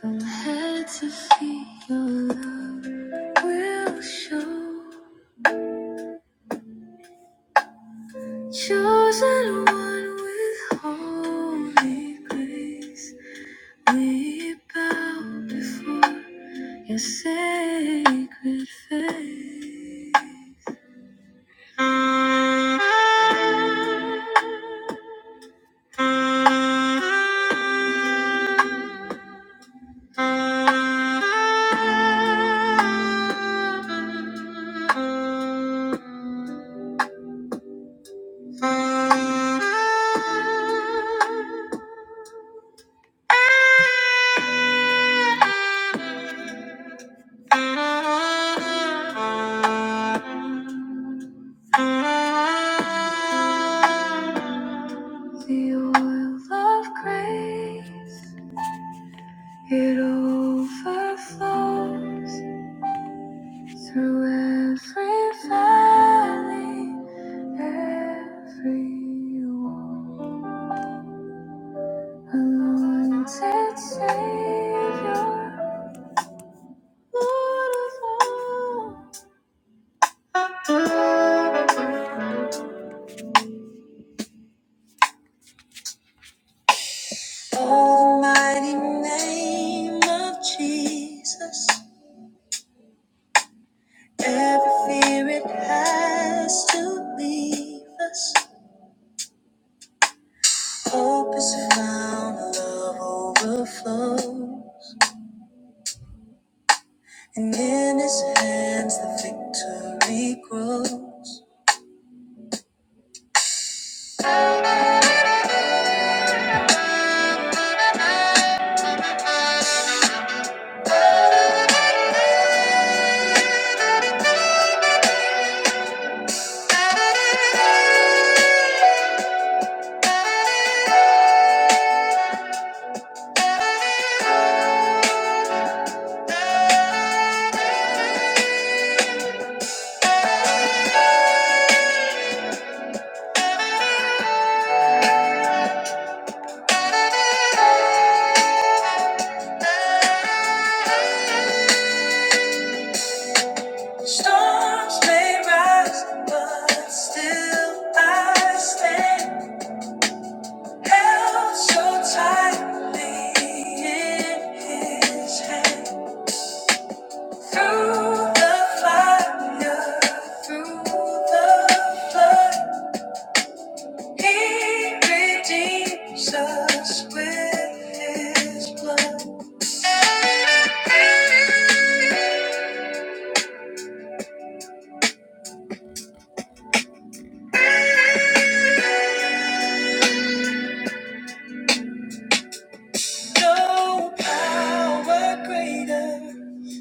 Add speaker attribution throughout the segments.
Speaker 1: From head to feet, your love will show. Chosen one with holy grace, we bow before your sacred face. The oil of grace, it overflows through every valley, every wall. Anointed Savior, Lord of all. Oh, the mighty name of Jesus, every fear it has to leave us. Hope is found, love overflow. In His hands, the victory grows. Storms may rise, but still I stand. Held so tightly in His hand. Through the fire, through the flood, He redeems us with His blood. No power greater,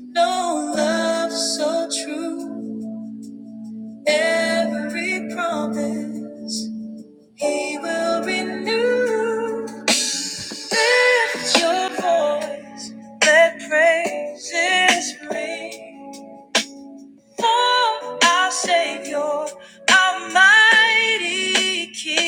Speaker 1: no love so true. Every promise. He will renew. Lift your voice, let praises ring. For our Savior, our mighty King.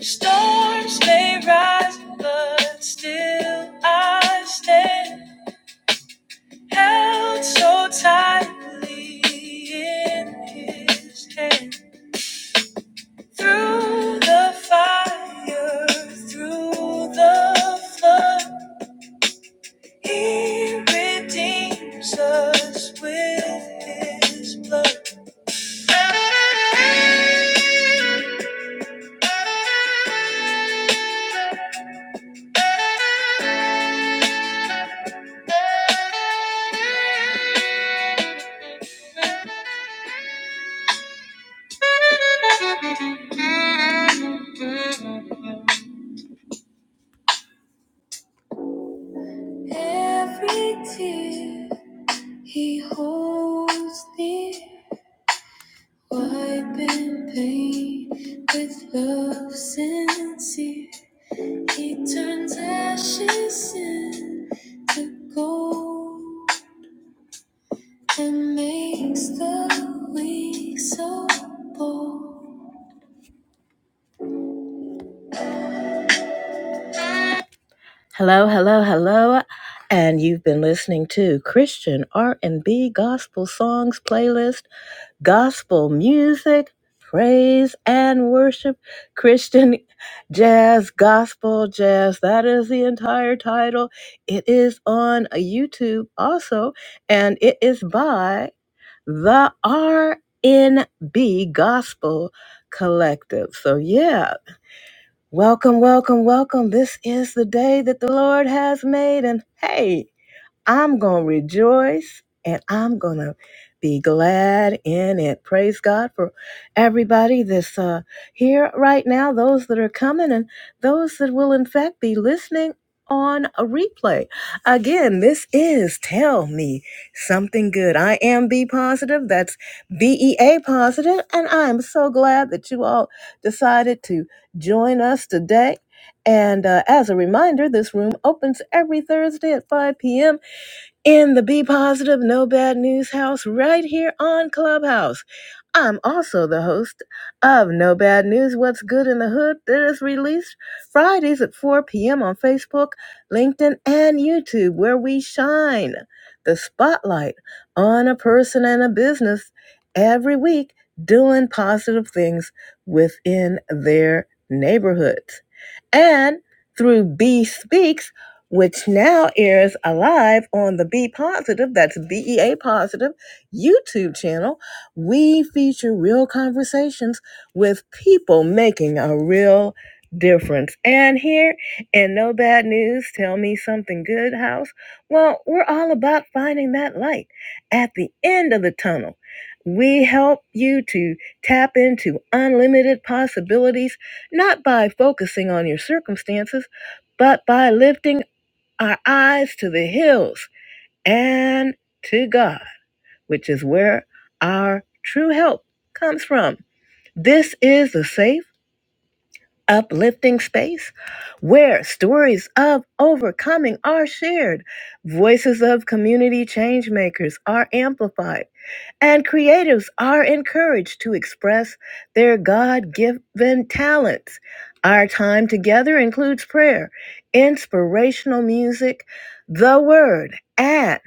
Speaker 1: Storms may rise, but still I stand held so tightly in His hand. Through the fire, through the flood, He redeems us with His blood. Every tear he holds dear, wiping pain with love sincere. He turns ashes into gold and makes the weak so bold. Hello, hello, hello. And you've been listening to Christian R&B gospel songs playlist, gospel music, praise and worship, Christian jazz, gospel jazz. That is the entire title. It is on YouTube also, and it is by the RNB Gospel Collective. So yeah, Welcome, welcome, welcome. This is the day that the Lord has made, and hey, I'm going to rejoice and I'm going to be glad in it. Praise God for everybody that's uh, here right now, those that are coming, and those that will, in fact, be listening on a replay. Again, this is Tell Me Something Good. I am B positive. That's B E A positive, positive. And I'm so glad that you all decided to join us today. And uh, as a reminder, this room opens every Thursday at 5 p.m in the Be Positive No Bad News House right here on Clubhouse. I'm also the host of No Bad News What's Good in the Hood that is released Fridays at 4 p.m. on Facebook, LinkedIn, and YouTube, where we shine the spotlight on a person and a business every week doing positive things within their neighborhoods. And through B Speaks, which now airs alive on the Be Positive, that's BEA Positive YouTube channel. We feature real conversations with people making a real difference. And here in No Bad News, Tell Me Something Good House, well, we're all about finding that light at the end of the tunnel. We help you to tap into unlimited possibilities, not by focusing on your circumstances but by lifting our eyes to the hills and to God, which is where our true help comes from. This is a safe, uplifting space where stories of overcoming are shared, voices of community change makers are amplified and creatives are encouraged to express their God given talents. Our time together includes prayer, inspirational music, the word, and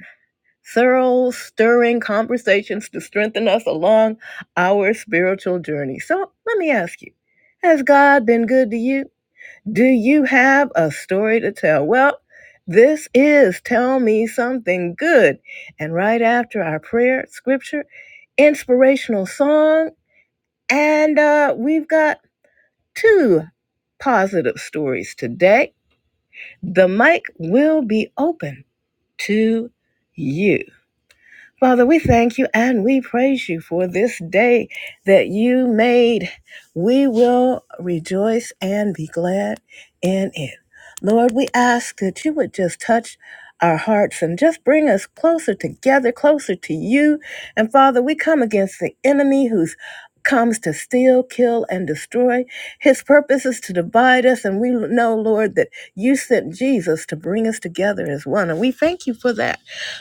Speaker 1: thorough, stirring conversations to strengthen us along our spiritual journey. So let me ask you Has God been good to you? Do you have a story to tell? Well, this is Tell Me Something Good. And right after our prayer, scripture, inspirational song, and uh, we've got two positive stories today. The mic will be open to you. Father, we thank you and we praise you for this day that you made. We will rejoice and be glad in it. Lord, we ask that you would just touch our hearts and just bring us closer together, closer to you. And Father, we come against the enemy who's comes to steal, kill, and destroy. His purpose is to divide us, and we know, Lord, that you sent Jesus to bring us together as one. And we thank you for that.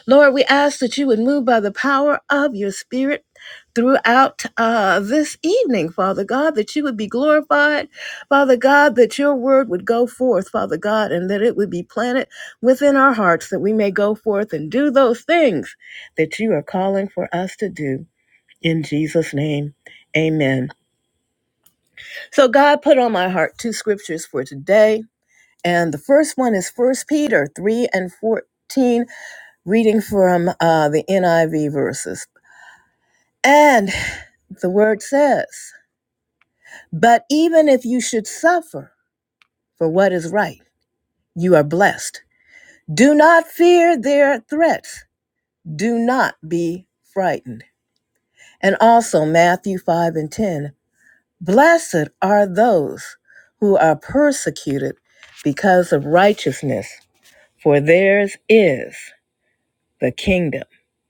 Speaker 1: Lord, we ask that you would move by the power of your spirit throughout uh, this evening, Father God, that you would be glorified, Father God, that your word would go forth, Father God, and that it would be planted within our hearts, that we may go forth and do those things that you are calling for us to do. In Jesus' name, amen. So God put on my heart two scriptures for today. And the first one is First Peter 3 and 14 reading from uh, the NIV verses. And the word says, But even if you should suffer for what is right, you are blessed. Do not fear their threats, do not be frightened. And also, Matthew 5 and 10 Blessed are those who are persecuted because of righteousness, for theirs is the kingdom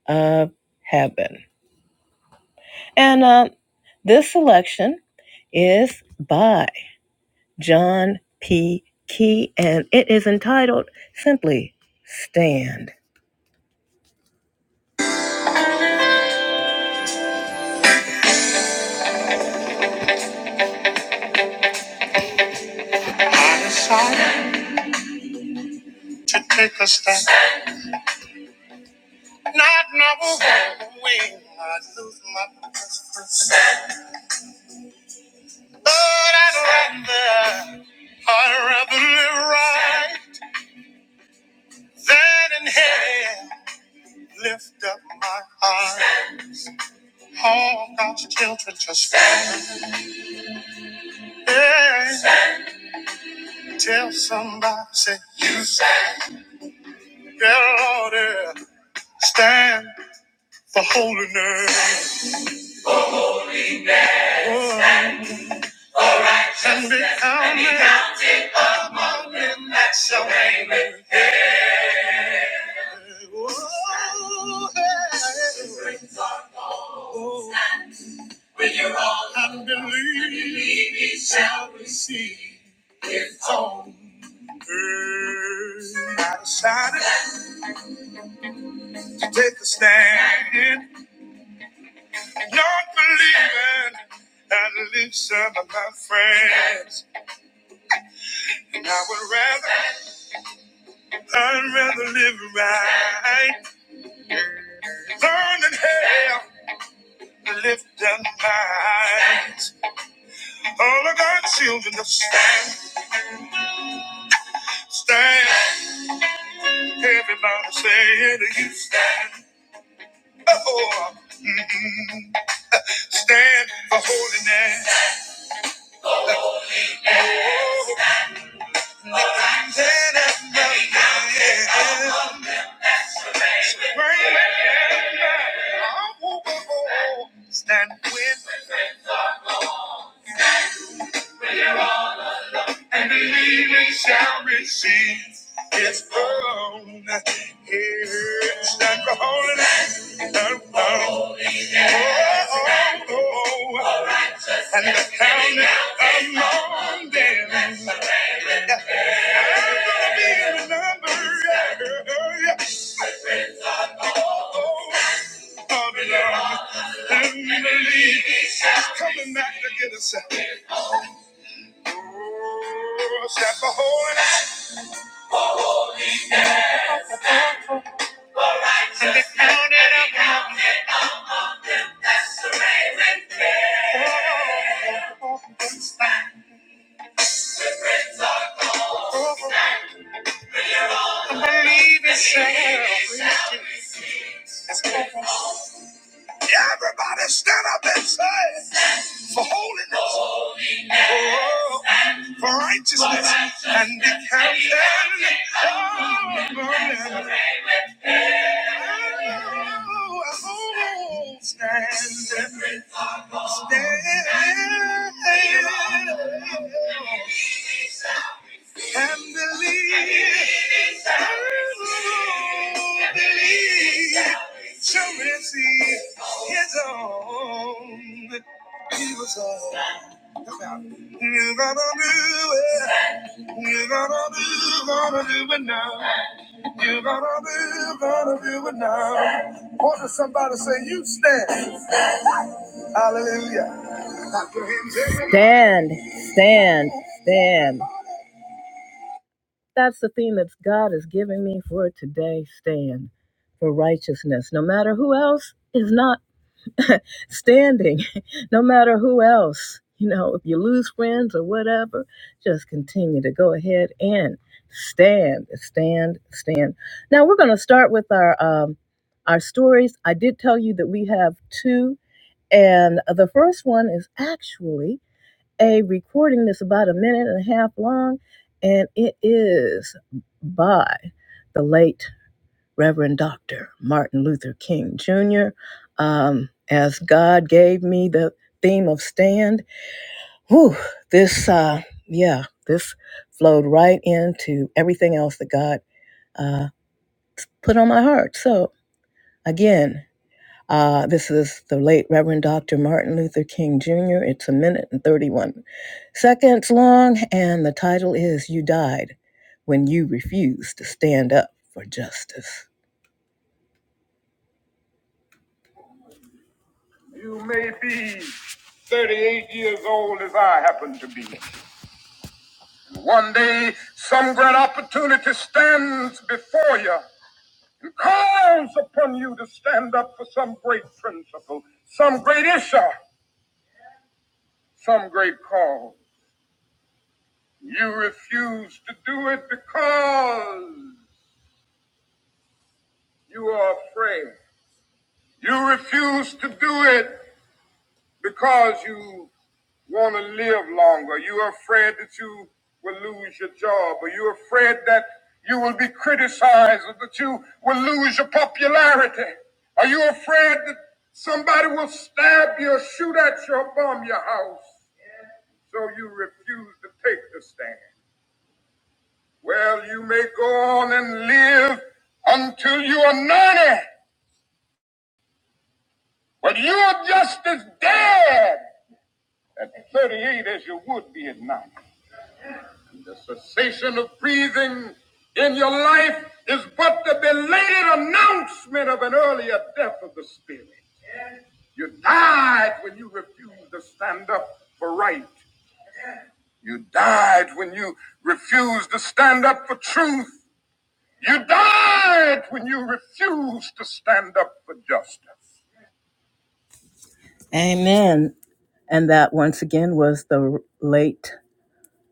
Speaker 1: of heaven. And uh, this selection is by John P. Key, and it is entitled simply Stand. I decided to take a stand, not knowing I'd lose my first But I'd rather, I'd rather live right than in hell. Lift up my heart, all God's children to stand. Yeah. Tell somebody, say, you say, yeah, Lord, yeah. stand for holiness Whoa. and be counted. And That's your name. oh, yeah. oh. And believe he shall receive his own. I decided to take a stand, not believing. At least some of my friends, and I would rather. I'd rather live right, burn in hell, than live their lives. All of God's children to stand, stand. Everybody say to you, stand. Oh, mm-mm. stand for holiness. Stand up, stand, Bring stand, everybody. I want to go. Stand with me. I believe believing shall receive its own It's not for holiness and oh, oh, oh, oh, and the counting among them. I'm gonna be remembered. Oh, Father, Lord, and we believe He's coming back to get us. Oh, stand for holiness and the counting among them. That's the way we feel. I believe it's real. Everybody stand up and say, for holiness, for, for righteousness, and be counted. holy." Oh, Stand, stand. Can believe. Ooh, believe. Shall receive his own. He was all about you gotta do it. You are going to do, going to do it now. You are going to do, going to do it now. What does somebody say? You stand. Hallelujah. Stand, stand, stand. That's the thing that God has given me for today. Stand for righteousness, no matter who else is not standing, no matter who else. You know, if you lose friends or whatever, just continue to go ahead and stand, stand, stand. Now we're going to start with our um, our stories. I did tell you that we have two, and the first one is actually a recording that's about a minute and a half long, and it is by the late Reverend Dr. Martin Luther King Jr. Um, as God gave me the theme of stand, whew, this, uh, yeah, this flowed right into everything else that God uh, put on my heart. So, again, uh, this is the late Reverend Dr. Martin Luther King Jr. It's a minute and 31 seconds long, and the title is You Died When You Refused to Stand Up for Justice. You may be 38 years old as I happen to be. One day, some great opportunity stands before you and calls upon you to stand up for some great principle, some great issue, some great cause. You refuse to do it because you are afraid. You refuse to do it because you want to live longer. You're afraid that you will lose your job, or you're afraid that you will be criticized, or that you will lose your popularity. Are you afraid that somebody will stab you or shoot at you or bomb your house? So you refuse to take the stand. Well, you may go on and live until you are 90, but you are just as dead at 38 as you would be at 90. And the cessation of breathing in your life is but the belated announcement of an earlier death of the spirit. You died when you refused to stand up for right. You died when you refused to stand up for truth. You died when you refused to stand up for justice. Amen. And that once again was the late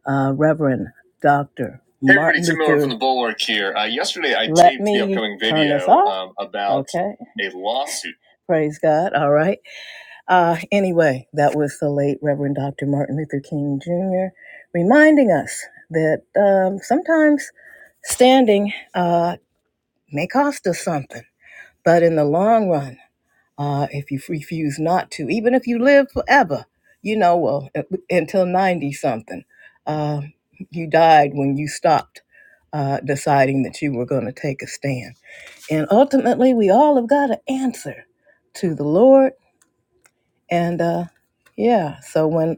Speaker 1: uh, Reverend Dr. Hey, everybody, Martin Tim Miller Luther- from Luther. the Bulwark here. Uh, yesterday, I Let taped the me upcoming turn this video off. um, about okay. a lawsuit. Praise God. All right. Uh, anyway, that was the late Reverend Dr. Martin Luther King Jr. reminding us that um, sometimes standing uh, may cost us something, but in the long run, uh, if you refuse not to, even if you live forever, you know, well, until 90 something. Uh, you died when you stopped uh, deciding that you were going to take a stand. And ultimately, we all have got an answer to the Lord. And uh, yeah, so when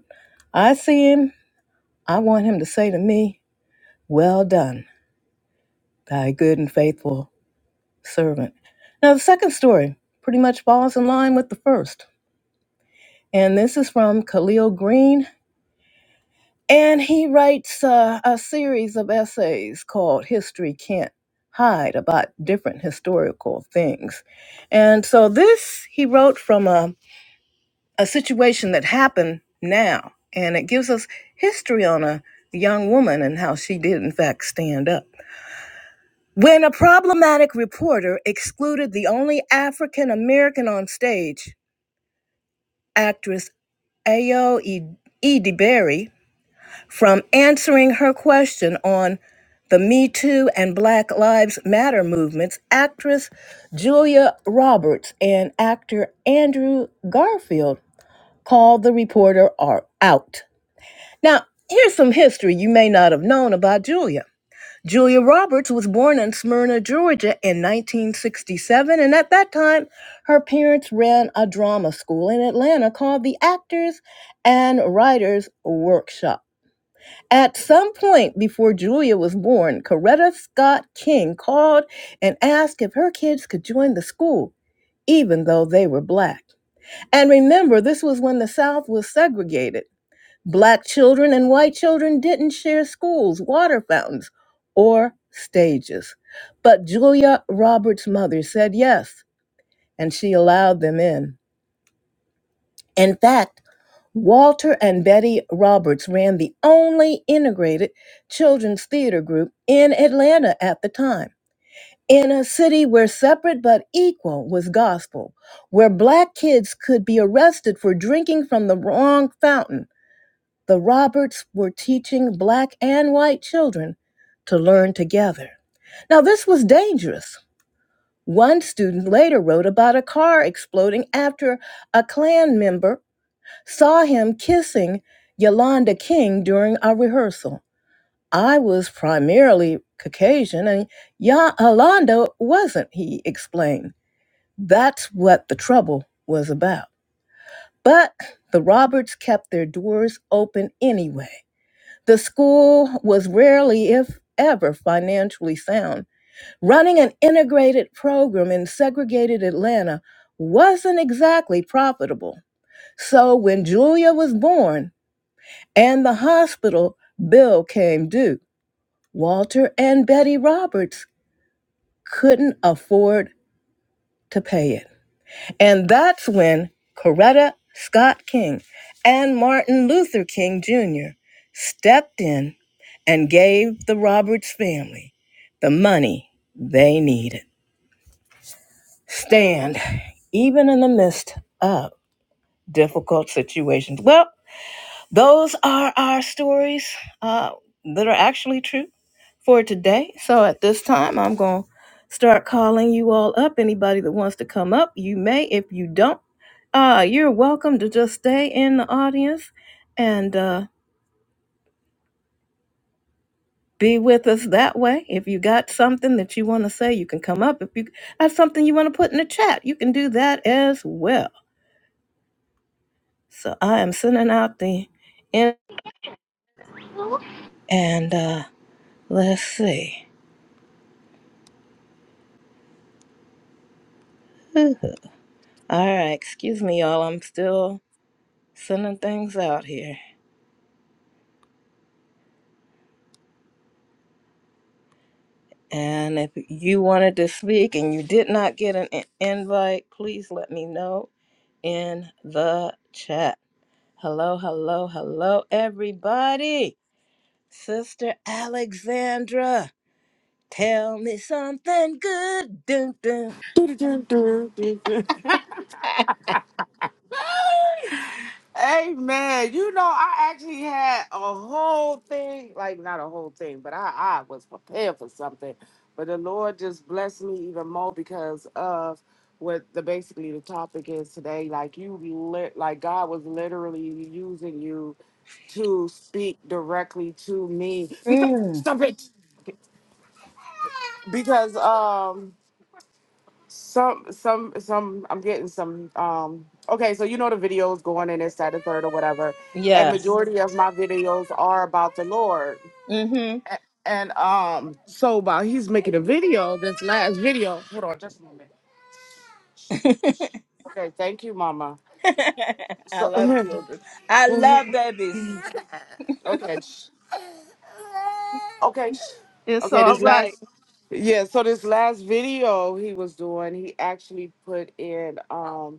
Speaker 1: I see him, I want him to say to me, Well done, thy good and faithful servant. Now, the second story pretty much falls in line with the first. And this is from Khalil Green. And he writes uh, a series of essays called History Can't Hide about different historical things. And so this he wrote from a, a situation that happened now. And it gives us history on a young woman and how she did, in fact, stand up. When a problematic reporter excluded the only African American on stage, actress Ayo Edebiri, from answering her question on the Me Too and Black Lives Matter movements, actress Julia Roberts and actor Andrew Garfield called the reporter are out. Now, here's some history you may not have known about Julia. Julia Roberts was born in Smyrna, Georgia in 1967, and at that time, her parents ran a drama school in Atlanta called the Actors and Writers Workshop. At some point before Julia was born, Coretta Scott King called and asked if her kids could join the school, even though they were black. And remember, this was when the South was segregated. Black children and white children didn't share schools, water fountains, or stages. But Julia Roberts' mother said yes, and she allowed them in. In fact, Walter and Betty Roberts ran the only integrated children's theater group in Atlanta at the time. In a city where separate but equal was gospel, where black kids could be arrested for drinking from the wrong fountain, the Roberts were teaching black and white children to learn together. Now, this was dangerous. One student later wrote about a car exploding after a Klan member Saw him kissing Yolanda King during our rehearsal. I was primarily Caucasian and Ya- Yolanda wasn't, he explained. That's what the trouble was about. But the Roberts kept their doors open anyway. The school was rarely, if ever, financially sound. Running an integrated program in segregated Atlanta wasn't exactly profitable. So when Julia was born, and the hospital bill came due. Walter and Betty Roberts couldn't afford to pay it. And that's when Coretta Scott King and Martin Luther King Jr. stepped in and gave the Roberts family the money they needed. Stand even in the midst of difficult situations. Well, Those are our stories uh, that are actually true for today. So at this time, I'm going to start calling you all up. Anybody that wants to come up, you may. If you don't, uh, you're welcome to just stay in the audience and uh, be with us that way. If you got something that you want to say, you can come up. If you have something you want to put in the chat, you can do that as well. So I am sending out the in
Speaker 2: Amen.
Speaker 1: and uh, let's see. All right, excuse me, y'all. I'm still sending things out here. And if you wanted to speak and you did not get an in- invite, please let me know in the chat. Hello, hello, hello, everybody. Sister Alexandra, tell me something good. Dun, dun.
Speaker 2: You know, I actually had a whole thing, like not a whole thing, but I, I was prepared for something. But the Lord just blessed me even more because of what the basically the topic is today. Like you lit like God was literally using you to speak directly to me. Because
Speaker 1: Mm,
Speaker 2: somebody because um Some, some, some. I'm getting some. Um. Okay, so you know the videos going in this, that, and third, or whatever. And
Speaker 1: yes.
Speaker 2: majority of my videos are about the Lord.
Speaker 1: Mm-hmm.
Speaker 2: A- And um, so while he's making a video, this last video. Hold on, just a moment. Okay, thank you, Mama.
Speaker 1: I
Speaker 2: So,
Speaker 1: love children. I love babies.
Speaker 2: okay, sh- okay, sh-
Speaker 1: It's
Speaker 2: okay.
Speaker 1: all
Speaker 2: This
Speaker 1: right.
Speaker 2: last, yeah. So this last video he was doing, he actually put in. Um.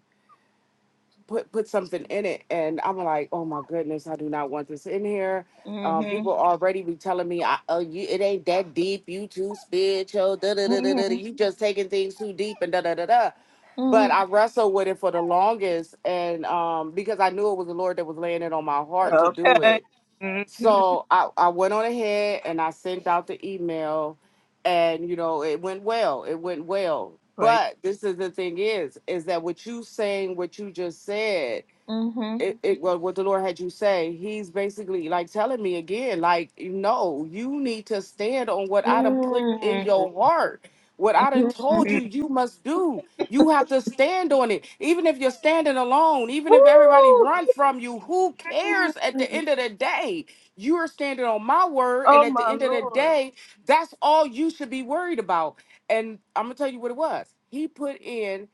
Speaker 2: put put something in it, and I'm like, oh my goodness, I do not want this in here. Um,
Speaker 1: Mm-hmm.
Speaker 2: people already be telling me, I, oh, you, it ain't that deep. You too spiritual. Da da da da da.
Speaker 1: hmm
Speaker 2: You just taking things too deep and da da da da.
Speaker 1: hmm
Speaker 2: But I wrestled with it for the longest, and um, because I knew it was the Lord that was laying it on my heart to do
Speaker 1: Okay.
Speaker 2: it,
Speaker 1: hmm
Speaker 2: so I, I went on ahead and I sent out the email and you know it went well. It went well.
Speaker 1: Praise.
Speaker 2: But this is the thing is, is that what you saying, what you just said
Speaker 1: hmm
Speaker 2: it, it well, what the Lord had you say, He's basically like telling me again, like, no, you need to stand on what I done put in your
Speaker 1: Mm-hmm.
Speaker 2: heart. What I done told you you must do. You have to stand on it. Even if you're standing alone, even if everybody
Speaker 1: Woo!
Speaker 2: run from you, who cares at the end of the day? You are standing on my word, and
Speaker 1: Oh
Speaker 2: at the
Speaker 1: my
Speaker 2: end of the
Speaker 1: lord.
Speaker 2: day, that's all you should be worried about. And I'm gonna tell you what it was. He put in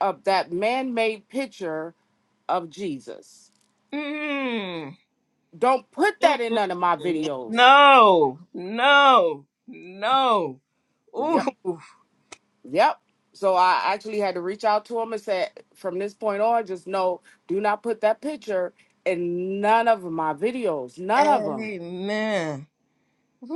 Speaker 2: uh, that man-made picture of Jesus
Speaker 1: Mm.
Speaker 2: don't put that in none of my videos.
Speaker 1: No, no, no.
Speaker 2: Yep,
Speaker 1: Ooh.
Speaker 2: yep. So I actually had to reach out to him and say, from this point on, just know, do not put that picture in none of my videos, none of them.
Speaker 1: Amen.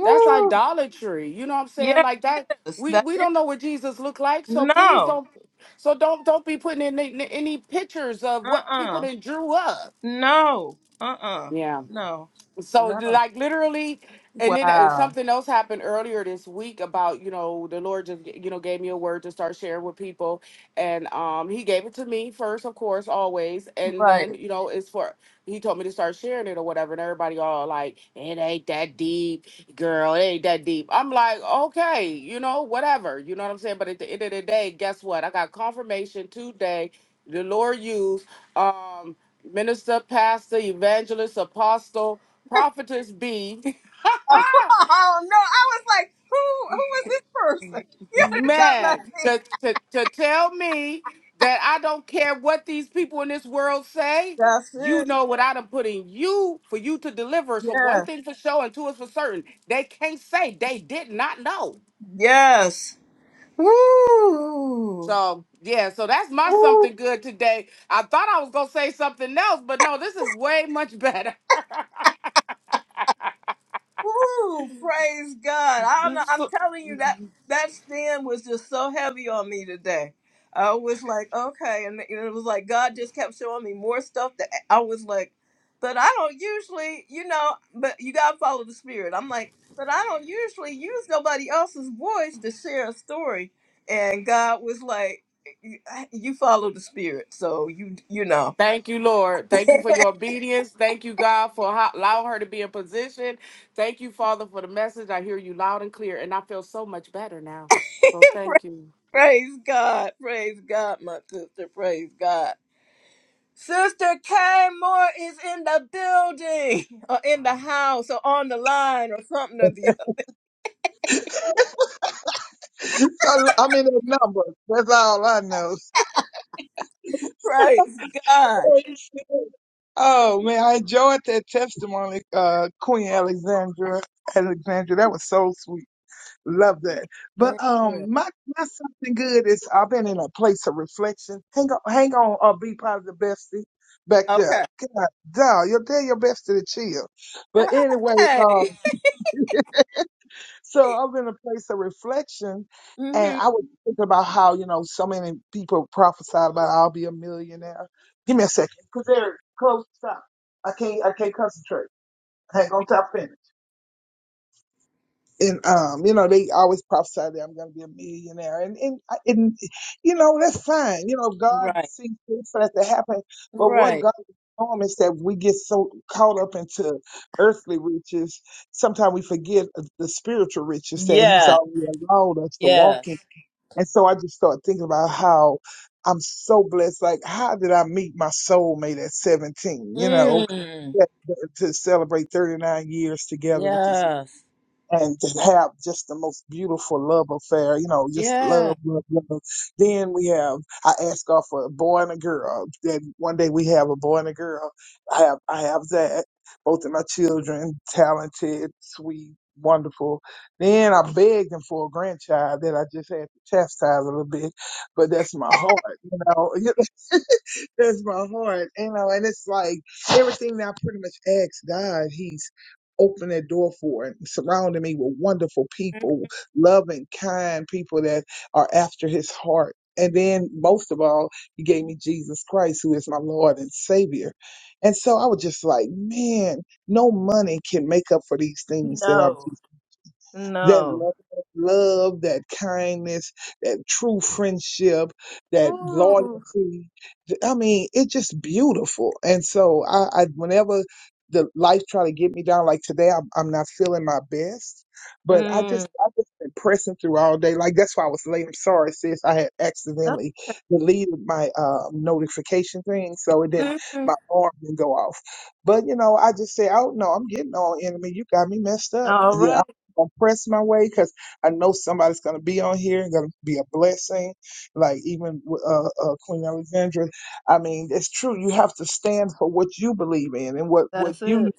Speaker 2: That's idolatry. You know what I'm saying?
Speaker 1: Yes,
Speaker 2: Like that. We
Speaker 1: that
Speaker 2: we
Speaker 1: is
Speaker 2: don't know what Jesus looked like, so please
Speaker 1: no.
Speaker 2: don't. So don't don't be putting in any, any pictures of what people
Speaker 1: Uh-uh.
Speaker 2: that drew up.
Speaker 1: No. Uh-uh.
Speaker 2: Yeah.
Speaker 1: No.
Speaker 2: so
Speaker 1: No.
Speaker 2: like literally and then uh,
Speaker 1: Wow.
Speaker 2: something else happened earlier this week about you know the lord just you know gave me a word to start sharing with people and um he gave it to me first of course always and
Speaker 1: Right.
Speaker 2: then you know it's for he told me to start sharing it or whatever and everybody all like it ain't that deep girl it ain't that deep i'm like okay you know whatever you know what i'm saying but at the end of the day guess what i got confirmation today the lord used um minister pastor evangelist apostle Prophetess B.
Speaker 1: Oh, no. I was like, who who was this person? You had to tell
Speaker 2: Man,
Speaker 1: me.
Speaker 2: to, to, to tell me that I don't care what these people in this world say,
Speaker 1: That's
Speaker 2: you
Speaker 1: it.
Speaker 2: know what I done put in you for you to deliver. So one
Speaker 1: Yeah.
Speaker 2: thing for sure and two is for certain. They can't say they did not know.
Speaker 1: Yes. Woo.
Speaker 2: So yeah, so that's my
Speaker 1: Woo.
Speaker 2: something good today. I thought I was gonna say something else, but no, this is way much better.
Speaker 1: Woo! Praise God. I don't know. I'm telling you that that stand was just so heavy on me today. I was like, okay, and you know, it was like God just kept showing me more stuff that I was like, but I don't usually, you know, but you gotta follow the spirit. I'm like, but I don't usually use nobody else's voice to share a story. And God was like, you you follow the spirit, so you you know.
Speaker 2: Thank you, Lord. Thank you for your obedience. Thank you, God, for how, allowing her to be in position. Thank you, Father, for the message. I hear you loud and clear, and I feel so much better now. So thank you.
Speaker 1: praise God, praise God, my sister, praise God. Sister Kay Moore is in the building or in the house or on the line or something or the other.
Speaker 3: So I'm in the numbers. That's all I know.
Speaker 1: Praise God.
Speaker 3: oh man, I enjoyed that testimony, uh, Queen Alexandra. Alexandra, that was so sweet. Love that. But
Speaker 1: Amen.
Speaker 3: um, my my something good is I've been in a place of reflection. Hang on, hang on, uh, be positive, bestie. Back there,
Speaker 1: Okay.
Speaker 3: God, dog, you'll tell your bestie to chill. But anyway, um,
Speaker 1: Hey.
Speaker 3: So I'm in a place of reflection, and
Speaker 1: hmm
Speaker 3: I was thinking about how you know so many people prophesied about I'll be a millionaire. Give me a second, cause they're close. Stop. I can't. I can't concentrate. Hang on, top finish and um, you know, they always prophesy that I'm going to be a millionaire, and and I- and you know that's fine. You know, God
Speaker 1: Right,
Speaker 3: sees fit for that to happen, but what
Speaker 1: right.
Speaker 3: God is doing is that we get so caught up into earthly riches, sometimes we forget the spiritual riches that He's
Speaker 1: Yeah,
Speaker 3: already allowed us to walk
Speaker 1: yeah.
Speaker 3: in. And so I just started thinking about how I'm so blessed. Like, how did I meet my soulmate at 17? You know,
Speaker 1: Mm,
Speaker 3: that- to celebrate 39 years together with this
Speaker 1: yes,
Speaker 3: and to have just the most beautiful love affair, you know, just
Speaker 1: yeah.
Speaker 3: love, love, love. Then we have, I ask God for a boy and a girl. Then one day we have a boy and a girl. I have, I have that. Both of my children, talented, sweet, wonderful. Then I begged him for a grandchild that I just had to chastise a little bit, but that's my heart, you know. that's my heart, you know. And it's like everything that I pretty much asked God, He's open that door for and surrounding me with wonderful people, loving, kind people that are after his heart. And then most of all, he gave me Jesus Christ, who is my Lord and Savior. And so I was just like, man, no money can make up for these things that
Speaker 1: No,
Speaker 3: I've that
Speaker 1: no.
Speaker 3: love, love, that kindness, that true friendship, that
Speaker 1: Ooh,
Speaker 3: loyalty. I mean, it's just beautiful. And so I, I whenever the life try to get me down, like today, I'm, I'm not feeling my best, but I
Speaker 1: mm,
Speaker 3: just, I've just been pressing through all day. Like that's why I was late. I'm sorry, sis. I had
Speaker 1: that-
Speaker 3: accidentally deleted my, uh, notification thing. So it didn't,
Speaker 1: mm.
Speaker 3: my alarm didn't go off. But you know, I just say, oh no, I'm getting all enemy. You got me messed up.
Speaker 1: All
Speaker 3: Yeah
Speaker 1: right,
Speaker 3: gonna press my way because I know somebody's gonna be on here and gonna be a blessing. Like even with, uh, uh, Queen Alexandra, I mean, it's true. You have to stand for what you believe in and what what
Speaker 1: that's
Speaker 3: you
Speaker 1: it.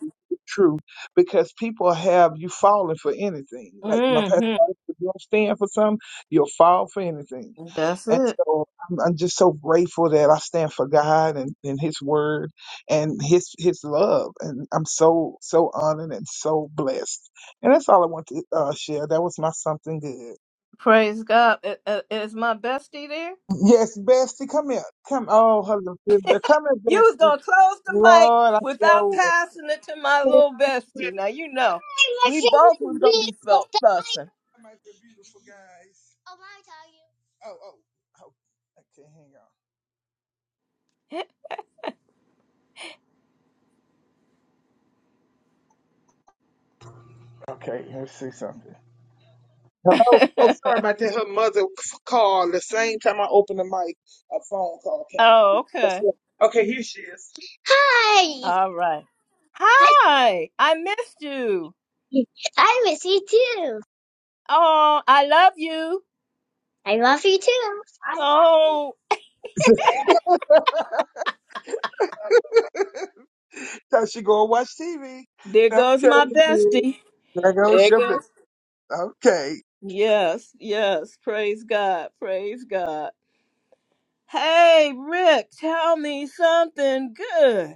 Speaker 3: true because people have you falling for anything. Like my pastor,
Speaker 1: hmm
Speaker 3: always said, if you don't stand for something, you'll fall for anything.
Speaker 1: That's
Speaker 3: And
Speaker 1: it.
Speaker 3: so I'm, I'm just so grateful that I stand for God and, and His Word and His His love. And I'm so so honored and so blessed. And that's all I want to uh, share. That was my something good.
Speaker 1: Praise God. I- I- Is my bestie there?
Speaker 3: Yes, Bestie, come here. Come, oh, hello, sister. Come
Speaker 1: You
Speaker 3: here,
Speaker 1: was
Speaker 3: Bestie.
Speaker 1: gonna close the mic
Speaker 3: Lord, I
Speaker 1: without
Speaker 3: show.
Speaker 1: passing it to my little bestie. Now you know we both was gonna be felt fussing.
Speaker 3: my beautiful guys. Oh, mine tell you. Oh, oh, oh. Okay, hang on. Okay, let's see something. Hello. Oh, sorry about that. Her mother called the same time I opened the mic. A phone call came.
Speaker 1: oh,
Speaker 3: That's
Speaker 1: okay.
Speaker 3: Okay, here she is. Hi.
Speaker 1: All right.
Speaker 3: Hi.
Speaker 1: Hi, I missed you.
Speaker 3: I miss you too.
Speaker 1: Oh, I love you.
Speaker 3: I love you too. I love
Speaker 1: Oh,
Speaker 3: you. so she go and watch TV.
Speaker 1: there goes
Speaker 3: Okay.
Speaker 1: my bestie.
Speaker 3: There goes
Speaker 1: There
Speaker 3: your bit.
Speaker 1: goes.
Speaker 3: Okay.
Speaker 1: Yes, yes. Praise God. Praise God. Hey, Rick, tell me something good.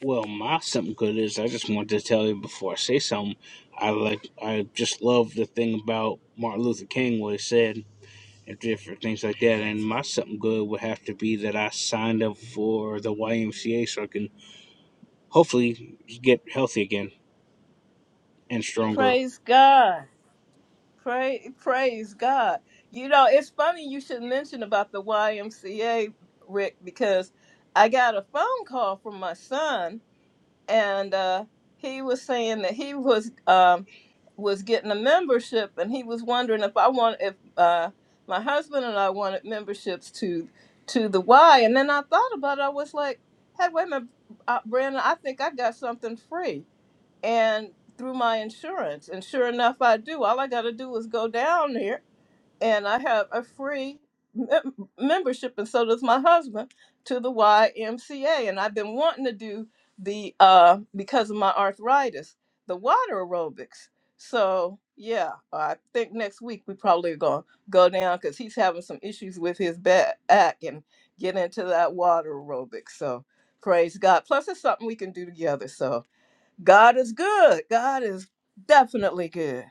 Speaker 4: Well, my something good is I just wanted to tell you before I say something. I like I just love the thing about Martin Luther King what he said and different things like that. And my something good would have to be that I signed up for the YMCA so I can hopefully get healthy again and stronger.
Speaker 1: Praise God. Pray, praise God. You know, it's funny you should mention about the YMCA, Rick, because I got a phone call from my son, and uh, he was saying that he was um, was getting a membership, and he was wondering if I want if uh, my husband and I wanted memberships to to the Y. And then I thought about it. I was like, Hey, wait a minute, uh, Brandon. I think I got something free and through my insurance. And sure enough, I do. All I got to do is go down there, and I have a free mem- membership, and so does my husband to the YMCA. And I've been wanting to do the uh, because of my arthritis, the water aerobics. So yeah, I think next week we probably gonna go down because he's having some issues with his back back and get into that water aerobics. So praise God. Plus, it's something we can do together. So God is good. God is definitely good.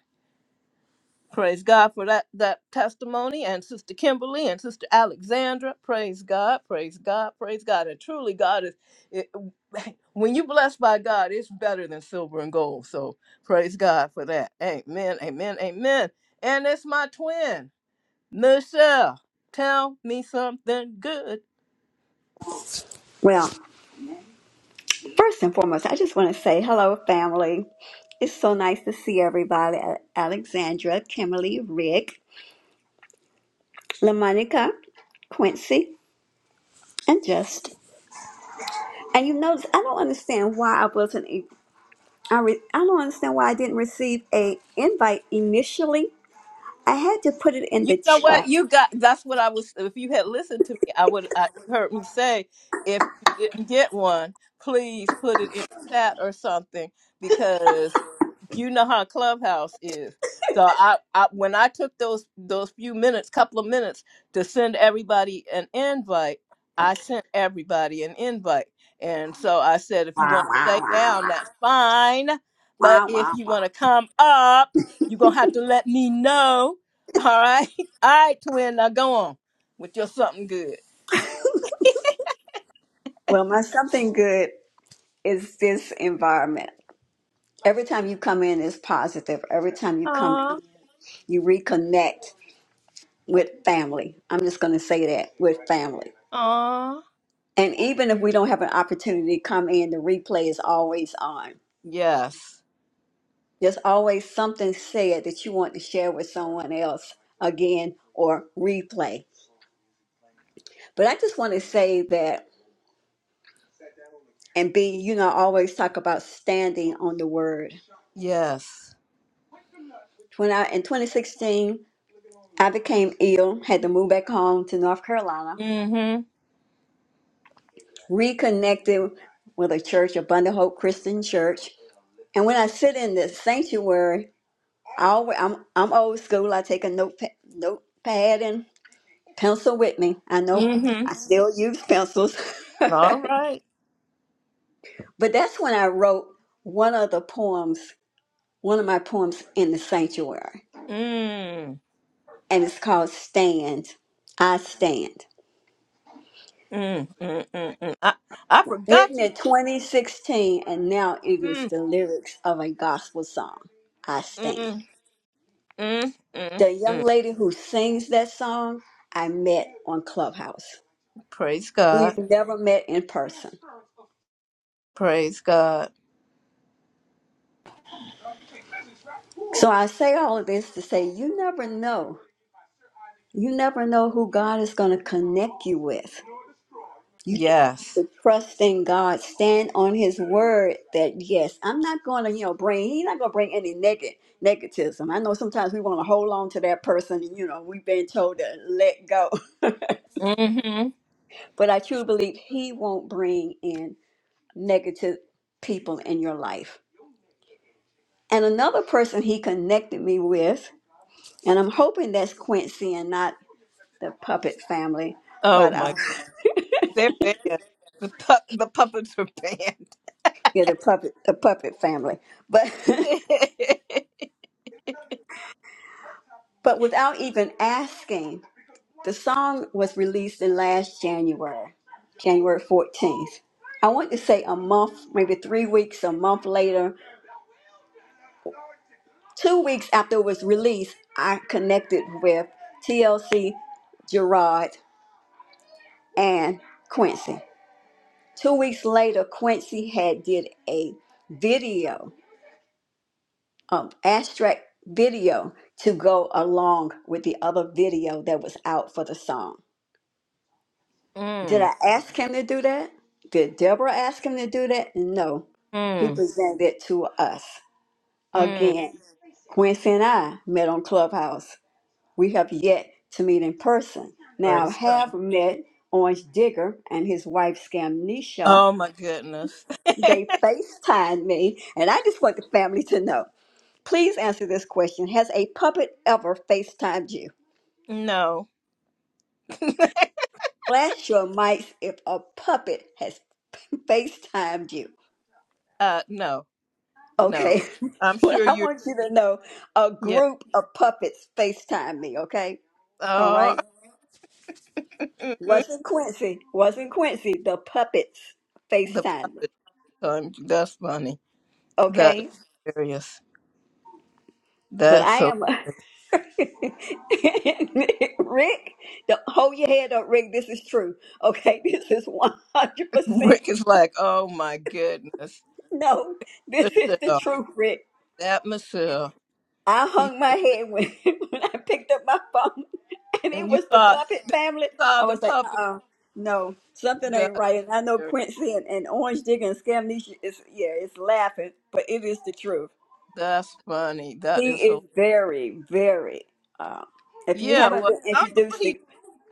Speaker 1: Praise God for that that testimony and Sister Kimberly and Sister Alexandra. Praise God. Praise God. Praise God. And truly God is it, when you are blessed by God, it's better than silver and gold. So praise God for that. Amen. Amen. Amen. And it's my twin, Michelle. Tell me something good.
Speaker 5: Well, first and foremost, I just want to say hello, family. It's so nice to see everybody. A- Alexandra, Kimberly, Rick, LaMonica, Quincy, and Just. And you notice I don't understand why I wasn't. e- I re, I don't understand why I didn't receive a invite initially. I had to put it in
Speaker 1: You
Speaker 5: the
Speaker 1: know what?
Speaker 5: chat.
Speaker 1: You got that's what I was if you had listened to me, I would I you heard me say if you didn't get one, please put it in chat or something because you know how Clubhouse is. So I, I when I took those those few minutes, couple of minutes to send everybody an invite, I sent everybody an invite. And so I said if you
Speaker 5: Wow,
Speaker 1: want to stay
Speaker 5: wow, wow,
Speaker 1: down,
Speaker 5: wow,
Speaker 1: that's fine. But
Speaker 5: wow,
Speaker 1: if
Speaker 5: wow,
Speaker 1: you
Speaker 5: wow.
Speaker 1: want to come up, you're gonna have to let me know all right All right, twin, now go on with your something good.
Speaker 5: Well, my something good is this environment. Every time you come in, it's positive. Every time you come
Speaker 1: Aw,
Speaker 5: You reconnect with family. I'm just going to say that with family.
Speaker 1: aw.
Speaker 5: And even if we don't have an opportunity to come in, the replay is always on.
Speaker 1: Yes.
Speaker 5: There's always something said that you want to share with someone else again or replay. But I just want to say that, and B, you know, I always talk about standing on the word.
Speaker 1: Yes.
Speaker 5: When I, in 2016, I became ill, had to move back home to North Carolina,
Speaker 1: Mm-hmm.
Speaker 5: reconnected with a church, Abundant Hope Christian Church, And when I sit in the sanctuary, I always, I'm I'm old school. I take a notepad, notepad and pencil with me. I know
Speaker 1: Mm-hmm.
Speaker 5: I still use pencils,
Speaker 1: All
Speaker 5: but
Speaker 1: right.
Speaker 5: that's when I wrote one of the poems, one of my poems in the sanctuary,
Speaker 1: Mm.
Speaker 5: and it's called "Stand." I stand,
Speaker 1: Mm. Mm. Mm. mm. I, I forgot
Speaker 5: written
Speaker 1: you.
Speaker 5: in 2016, and now it is
Speaker 1: Mm.
Speaker 5: the lyrics of a gospel song. I stand.
Speaker 1: Mm. Mm. Mm.
Speaker 5: The young
Speaker 1: Mm.
Speaker 5: lady who sings that song, I met on Clubhouse.
Speaker 1: Praise God.
Speaker 5: We've never met in person.
Speaker 1: Praise God.
Speaker 5: So I say all of this to say you never know. You never know who God is going to connect you with. You just have
Speaker 1: Yes.
Speaker 5: to trust in God, stand on His word that yes, I'm not going to, you know, bring, He's not going to bring any negative negativism. I know sometimes we want to hold on to that person, and you know, we've been told to let go. but
Speaker 1: Mm-hmm.
Speaker 5: I truly believe He won't bring in negative people in your life. And another person He connected me with And I'm hoping that's Quincy and not the puppet family,
Speaker 1: Oh
Speaker 5: but uh,
Speaker 1: my they're banned. The pu- the puppets are banned.
Speaker 5: yeah, the puppet the puppet family. But but without even asking, the song was released in last January, January 14th. I want to say a month, maybe three weeks, a month later, two weeks after it was released, I connected with TLC, Gerard, and Quincy. Two weeks later, Quincy had did a video um, abstract video to go along with the other video that was out for the song. Did
Speaker 1: mm.
Speaker 5: I ask him to do that? Did Deborah ask him to do that? No. He
Speaker 1: Mm.
Speaker 5: presented it to us.
Speaker 1: Mm.
Speaker 5: Again, Quincy and I met on Clubhouse. We have yet to meet in person. Now, I
Speaker 1: Praise God.
Speaker 5: have met Orange Digger and his wife, Scamnesha.
Speaker 1: Oh my goodness.
Speaker 5: They FaceTimed me, and I just want the family to know. Please answer this question. Has a puppet ever FaceTimed you?
Speaker 1: No.
Speaker 5: Flash your mics if a puppet has FaceTimed you.
Speaker 1: Uh no. No.
Speaker 5: Okay.
Speaker 1: I'm
Speaker 5: well,
Speaker 1: sure
Speaker 5: I
Speaker 1: you're
Speaker 5: want you to know a
Speaker 1: yeah.
Speaker 5: group of puppets FaceTimed me, okay? All
Speaker 1: Oh
Speaker 5: right.
Speaker 1: the
Speaker 5: Wasn't Quincy. Wasn't Quincy. The puppets FaceTimed me,
Speaker 1: puppet um, that's funny. That is
Speaker 5: okay?
Speaker 1: hilarious.
Speaker 5: But
Speaker 1: That's
Speaker 5: I
Speaker 1: so
Speaker 5: am a. Rick, don't hold your head up, Rick. This is true. Okay, this is 100%
Speaker 1: Rick is like, oh my goodness.
Speaker 5: No, this is the
Speaker 1: Michelle,
Speaker 5: truth, Rick.
Speaker 1: that Michelle.
Speaker 5: I
Speaker 1: He
Speaker 5: hung my
Speaker 1: just,
Speaker 5: head when, when I picked up my phone and it
Speaker 1: and you
Speaker 5: was the
Speaker 1: thought
Speaker 5: puppet family.
Speaker 1: saw
Speaker 5: I
Speaker 1: the
Speaker 5: was like, uh
Speaker 1: puppet.
Speaker 5: uh no, something ain't
Speaker 1: That is
Speaker 5: right. And I know
Speaker 1: hilarious.
Speaker 5: Quincy and, and Orange Digger and Scamnesia is, yeah, it's laughing, but it is the truth.
Speaker 1: that's funny. That
Speaker 5: He
Speaker 1: is
Speaker 5: is
Speaker 1: hilarious.
Speaker 5: very, very, uh, if you
Speaker 1: Yeah,
Speaker 5: haven't
Speaker 1: well
Speaker 5: been
Speaker 1: I don't know what
Speaker 5: introduced to,
Speaker 1: he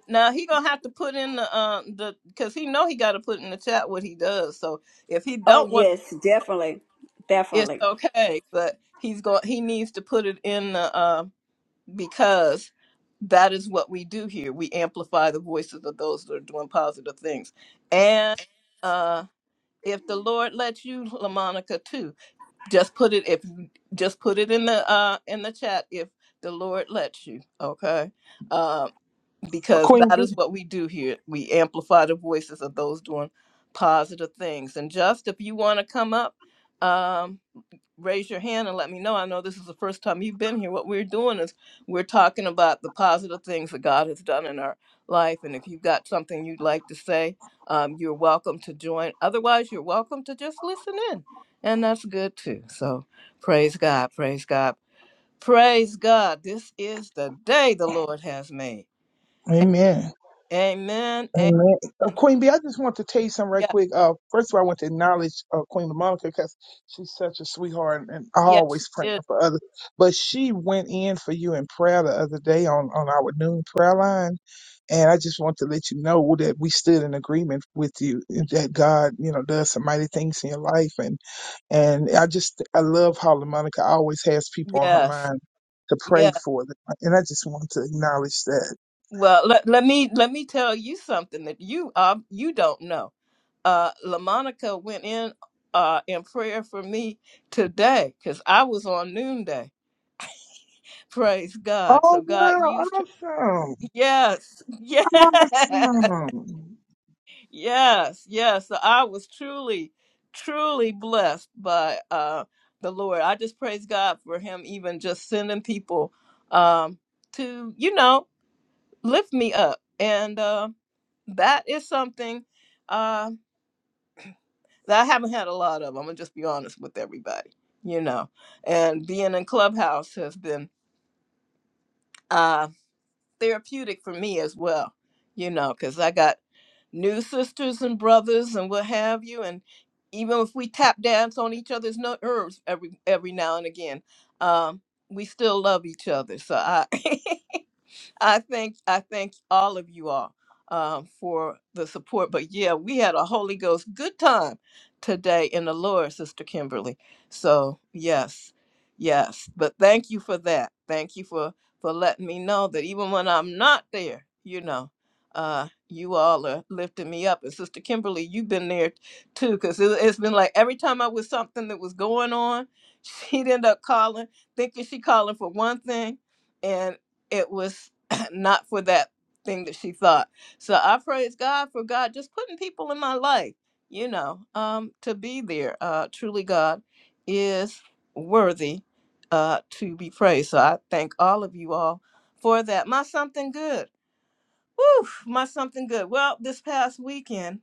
Speaker 1: Now he gonna have to put in the um the because he know he got to put in the chat what he does. So if he
Speaker 5: oh
Speaker 1: don't want,
Speaker 5: yes, definitely,
Speaker 1: it's
Speaker 5: definitely.
Speaker 1: okay. But he's going he needs to put it in the uh, because that is what we do here. We amplify the voices of those that are doing positive things. And uh if the Lord lets you, LaMonica, too, just put it if just put it in the uh in the chat if the Lord lets you. Okay. Uh, because
Speaker 3: Queen
Speaker 1: that
Speaker 3: B.
Speaker 1: is what we do here. We amplify the voices of those doing positive things. And just if you want to come up, um, raise your hand and let me know. I know this is the first time you've been here. What we're doing is we're talking about the positive things that God has done in our life. And if you've got something you'd like to say, um, you're welcome to join. Otherwise, you're welcome to just listen in. And that's good too. So praise God, praise God, praise God. This is the day the Lord has made
Speaker 3: Amen.
Speaker 1: Amen. Amen.
Speaker 3: Amen. Uh, Queen B, I just want to tell you something right
Speaker 1: Yeah.
Speaker 3: quick. Uh, first of all, I want to acknowledge uh, Queen Lamonica because she's such a sweetheart and I
Speaker 1: Yes, she
Speaker 3: always praying
Speaker 1: is.
Speaker 3: for others. But she went in for you in prayer the other day on, on our noon prayer line. And I just want to let you know that we stood in agreement with you and that God, you know, does some mighty things in your life. And, and I just, I love how Lamonica always has people on her
Speaker 1: Yes.
Speaker 3: mind to pray
Speaker 1: Yeah.
Speaker 3: for them. And I just want to acknowledge that.
Speaker 1: Well, let, let me let me tell you something that you uh you don't know. Uh LaMonica went in uh in prayer for me today because I was on noonday. Praise God. So
Speaker 3: Oh,
Speaker 1: God used
Speaker 3: wow.
Speaker 1: her.
Speaker 3: Awesome.
Speaker 1: Yes. Yes.
Speaker 3: Awesome.
Speaker 1: Yes, yes. So I was truly, truly blessed by uh, the Lord. I just praise God for Him, even just sending people um, to, you know, lift me up. And uh, that is something uh, that I haven't had a lot of. I'm going to just be honest with everybody, you know. And being in Clubhouse has been. uh, therapeutic for me as well, you know, because I got new sisters and brothers and what have you. And even if we tap dance on each other's no- nerves every every now and again, um, we still love each other. So I I thank I thank all of you all um, for the support. But yeah, we had a Holy Ghost good time today in the Lord, Sister Kimberly. So yes, yes. But thank you for that. Thank you for for letting me know that even when I'm not there, you know, uh, you all are lifting me up. And Sister Kimberly, you've been there too, because it, it's been like every time I was something that was going on, she'd end up calling, thinking she calling for one thing, and it was not for that thing that she thought. So I praise God for God just putting people in my life, you know, um, to be there. Uh, truly, God is worthy uh, to be praised. So I thank all of you all for that. My something good. Woo, my something good. Well, this past weekend,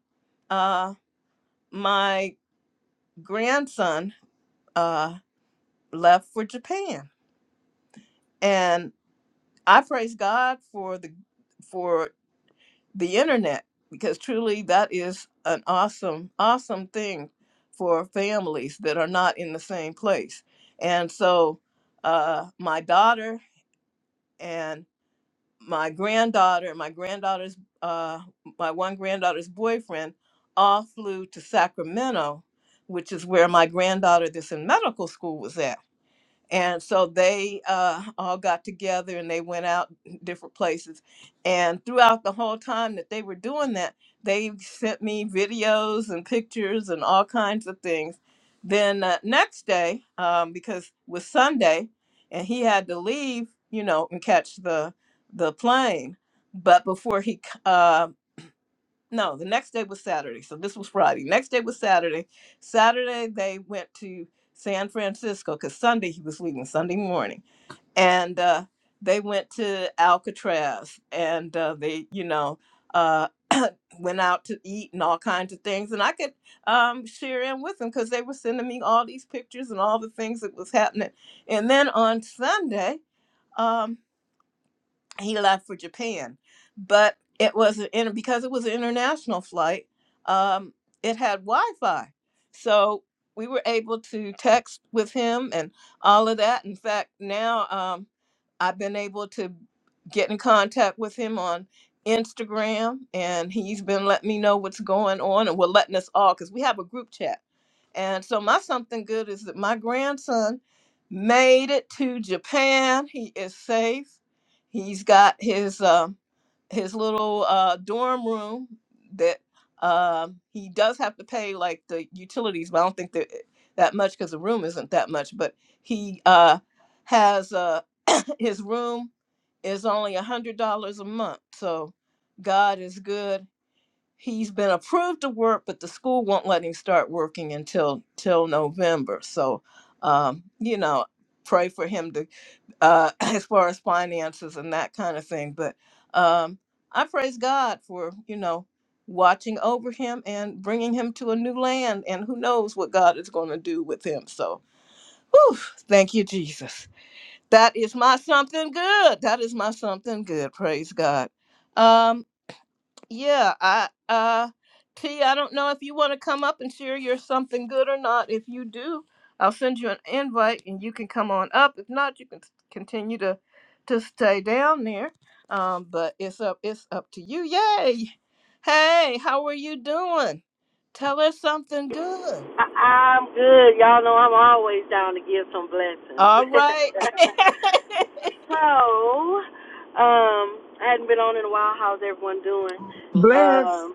Speaker 1: uh, my grandson uh, left for Japan, and I praise God for the for the internet because truly that is an awesome, awesome thing for families that are not in the same place. And so, uh, my daughter and my granddaughter, my granddaughter's, uh, my one granddaughter's boyfriend, all flew to Sacramento, which is where my granddaughter that's in medical school was at and so they uh, all got together and they went out different places. And throughout the whole time that they were doing that, they sent me videos and pictures and all kinds of things. Then uh, next day, um, because it was Sunday, and he had to leave, you know, and catch the the plane. But before he c- uh, no, the next day was Saturday. So this was Friday. Next day was Saturday. Saturday they went to San Francisco because Sunday he was leaving Sunday morning, and uh, they went to Alcatraz, and uh, they, you know, uh, went out to eat and all kinds of things. And I could um, share in with them because they were sending me all these pictures and all the things that was happening. And then on Sunday. um, he left for Japan. But it was in because it was an international flight. Um, it had Wi-Fi, so we were able to text with him and all of that. In fact, now um, I've been able to get in contact with him on Instagram, and he's been letting me know what's going on, and we're letting us all because we have a group chat. And so my something good is that my grandson made it to Japan. He is safe He's got his uh, his little uh, dorm room that um, he does have to pay like the utilities, but I don't think that that much because the room isn't that much. But he uh, has uh, his room is only a hundred dollars a month. So God is good he's been approved to work, but the school won't let him start working until till November. So, um, you know, pray for him to, uh, as far as finances and that kind of thing. But um, I praise God for you know watching over him and bringing him to a new land, and who knows what God is going to do with him. So. Whew, thank you, Jesus. That is my something good. That is my something good. Praise God. Um, yeah, I uh T, I don't know if you want to come up and share your something good or not. If you do, I'll send you an invite and you can come on up. If not, you can s- continue to to stay down there. Um, but it's up it's up to you. Yay. Hey, how are you doing? Tell us something good.
Speaker 6: I- am good. Y'all know I'm always down to give some blessings.
Speaker 1: All right.
Speaker 6: so, um, I hadn't been on in a while. How's everyone doing?
Speaker 1: Bl-
Speaker 3: Bless.
Speaker 6: Um,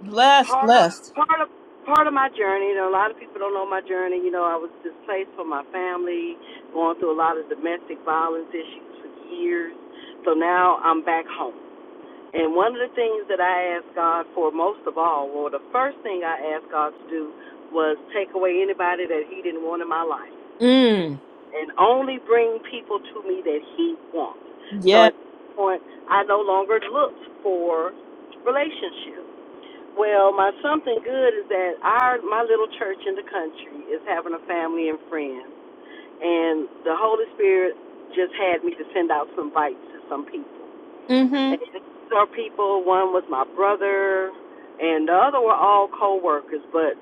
Speaker 1: blessed,
Speaker 6: part of
Speaker 1: blessed.
Speaker 6: part of part of my journey. You a lot of people don't know my journey. You know, I was displaced from my family, going through a lot of domestic violence issues for years. So now I'm back home. And one of the things that I asked God for most of all, well, the first thing I asked God to do was take away anybody that He didn't want in my life
Speaker 1: Mm.
Speaker 6: and only bring people to me that He wants. So
Speaker 1: Yeah.
Speaker 6: at this point, I no longer looked for relationships. Well, my something good is that our my little church in the country is having a family and friends, and the Holy Spirit just had me to send out some bites to some people.
Speaker 1: Mm-hmm.
Speaker 6: And these are people, one was my brother, and the other were all co-workers. But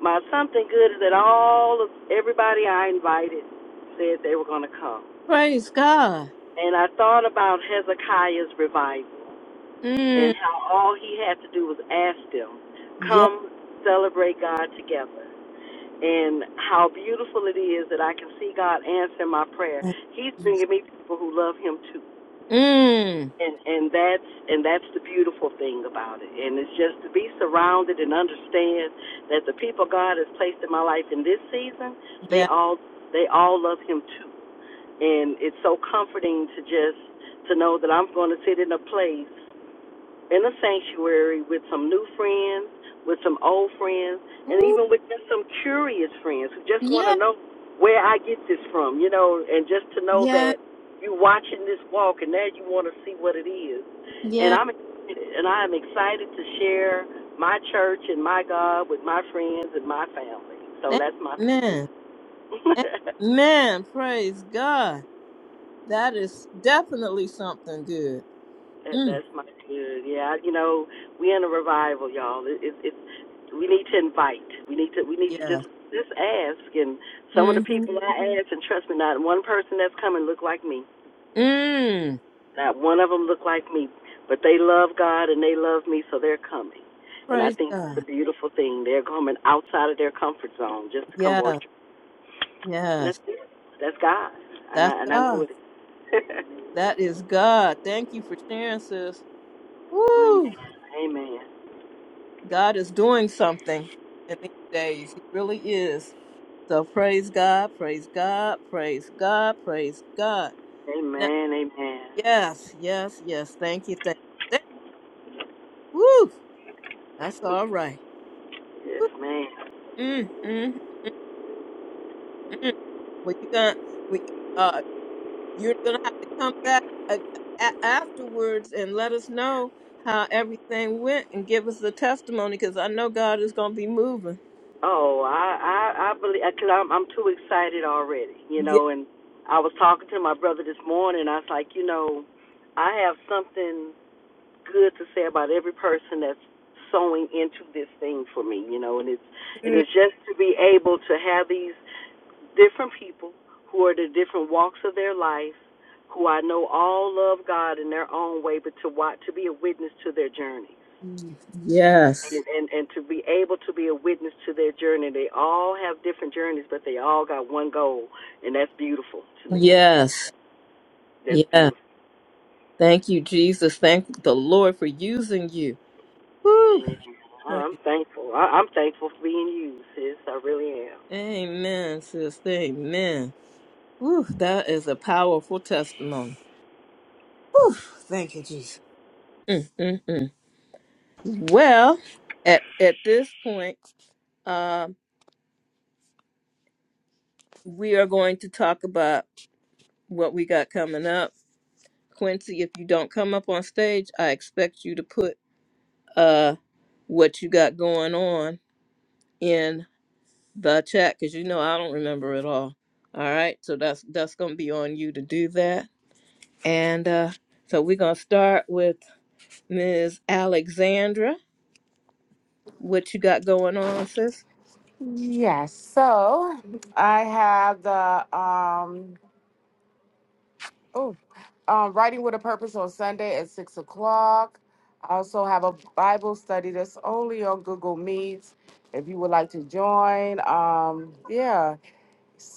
Speaker 6: my something good is that all of everybody I invited said they were going to come.
Speaker 1: Praise God.
Speaker 6: And I thought about Hezekiah's revival and
Speaker 1: Mm.
Speaker 6: how all he had to do was ask them,
Speaker 1: Yeah.
Speaker 6: come celebrate God together. And how beautiful it is that I can see God answer my prayer. He's bringing me people who love him too.
Speaker 1: Mm.
Speaker 6: and and that's and that's the beautiful thing about it and it's just to be surrounded and understand that the people god has placed in my life in this season they
Speaker 1: Yeah.
Speaker 6: all they all love him too and it's so comforting to just to know that i'm going to sit in a place in the sanctuary with some new friends, with some old friends, and
Speaker 1: Ooh,
Speaker 6: even with just some curious friends who just want to
Speaker 1: yeah.
Speaker 6: know where I get this from, you know, and just to know
Speaker 1: Yeah.
Speaker 6: that you're watching this walk and now you want to see what it is. And
Speaker 1: Yeah.
Speaker 6: I'm and I am excited to share my church and my God with my friends and my family. So that's my
Speaker 1: Amen. Amen. Praise God. That is definitely something good.
Speaker 6: That,
Speaker 1: Mm.
Speaker 6: that's my good. Yeah, you know, we are in a revival, y'all. It, it, it's we need to invite. We need to we need to
Speaker 1: Yes.
Speaker 6: just just ask. And some of the
Speaker 1: Mm-hmm.
Speaker 6: people I asked, and trust me, not one person that's coming look like me.
Speaker 1: Mm.
Speaker 6: Not one of them look like me, but they love God and they love me, so they're coming. And I
Speaker 1: Praise
Speaker 6: think it's a
Speaker 1: God.
Speaker 6: beautiful thing. They're coming outside of their comfort zone just to come
Speaker 1: Yes.
Speaker 6: worship. And that's
Speaker 1: Yes.
Speaker 6: it. that's God. And
Speaker 1: That's
Speaker 6: I and I know
Speaker 1: God.
Speaker 6: it. is.
Speaker 1: That is God. Thank you for sharing, sis.
Speaker 6: amen.
Speaker 1: Woo!
Speaker 6: Amen.
Speaker 1: God is doing something in these days. He really is. So praise God, praise God, praise God, praise God.
Speaker 6: Amen. Amen.
Speaker 1: Yes, yes, yes. Thank you, thank you. Thank, woo, that's all right.
Speaker 6: Yes, man.
Speaker 1: Mm, mm, mm. Well, you gonna, we, uh, you're gonna have to come back uh, a- afterwards and let us know how everything went and give us the testimony because I know God is gonna be moving.
Speaker 6: Oh, I I, I believe because I'm I'm too excited already, you know.
Speaker 1: Yes,
Speaker 6: And I was talking to my brother this morning. I was like, you know, I have something good to say about every person that's sewing into this thing for me, you know. And it's and it's just to be able to have these different people who are the different walks of their life, who I know all love God in their own way, but to watch to be a witness to their journeys.
Speaker 1: yes,
Speaker 6: and, and and to be able to be a witness to their journey. They all have different journeys, but they all got one goal, and that's beautiful to me.
Speaker 1: yes,
Speaker 6: That's
Speaker 1: yes.
Speaker 6: beautiful.
Speaker 1: Thank you, Jesus. Thank the Lord for using you. Woo,
Speaker 6: Amen. I'm
Speaker 1: praise.
Speaker 6: thankful. I, I'm thankful for being used, sis. I really am.
Speaker 1: Amen, sister. Amen. Whew, that is a powerful testimony. Whew, thank you, Jesus. Mm, mm, mm. Well, at at this point, um, we are going to talk about what we got coming up. Quincy, if you don't come up on stage, I expect you to put uh what you got going on in the chat because you know I don't remember it all. All right, so that's that's gonna be on you to do that. And uh, so we're gonna start with Ms. Alexandra. What you got going on, sis?
Speaker 2: Yes. So I have the um oh um writing with a purpose on Sunday at six o'clock. I also have a Bible study that's only on Google Meets. If you would like to join, um, yeah.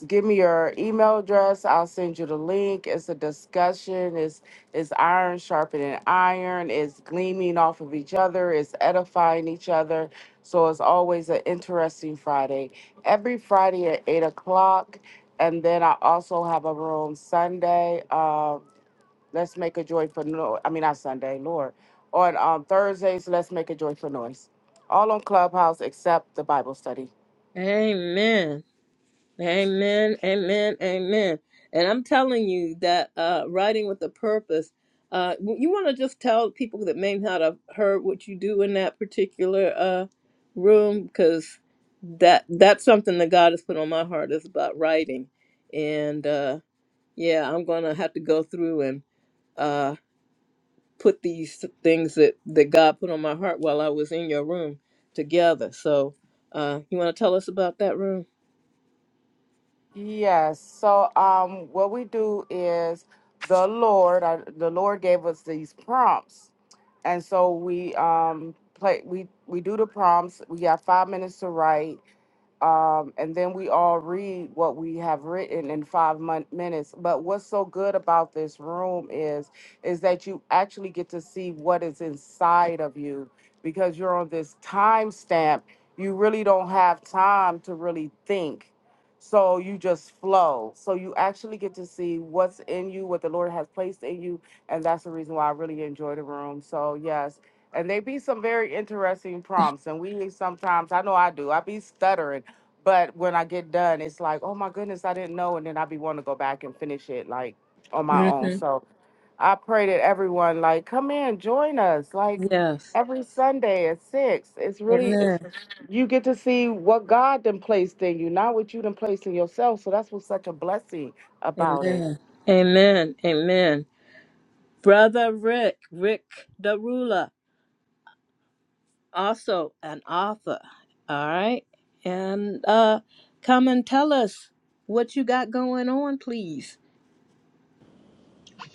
Speaker 2: give me your email address. I'll send you the link. It's a discussion. It's it's iron sharpening iron. It's gleaming off of each other. It's edifying each other. So it's always an interesting Friday. Every Friday at eight o'clock, and then I also have a room Sunday. Uh, let's make a joy for no. I mean not Sunday, Lord. On um, Thursdays, let's make a joy for noise. All on Clubhouse except the Bible study.
Speaker 1: Amen. Amen. Amen. Amen. And I'm telling you that uh, writing with a purpose, uh, w- you want to just tell people that may not have heard what you do in that particular uh, room because that that's something that God has put on my heart is about writing. And uh, yeah, I'm going to have to go through and uh, put these things that that God put on my heart while I was in your room together. So, uh, you want to tell us about that room?
Speaker 2: Yes. So, um, what we do is the Lord, uh, the Lord gave us these prompts, and so we um play. We we do the prompts. We got five minutes to write, um, and then we all read what we have written in five mon- minutes. But what's so good about this room is, is that you actually get to see what is inside of you because you're on this time stamp. You really don't have time to really think. So you just flow. So you actually get to see what's in you, what the Lord has placed in you. And that's the reason why I really enjoy the room. So, yes. And they be some very interesting prompts. And we sometimes, I know I do, I be stuttering but when I get done, it's like, oh my goodness, I didn't know. And then i be wanting to go back and finish it like on my own.
Speaker 1: hmm
Speaker 2: So I pray that everyone like come in, join us like
Speaker 1: Yes.
Speaker 2: every Sunday at six. It's really it's
Speaker 1: Amen.
Speaker 2: you get to see what God done placed in you, not what you done placed in yourself. So that's what's such a blessing about it.
Speaker 1: Amen. Amen. Amen. Brother Rick, Rick the ruler, also an author. All right, and uh, come and tell us what you got going on, please.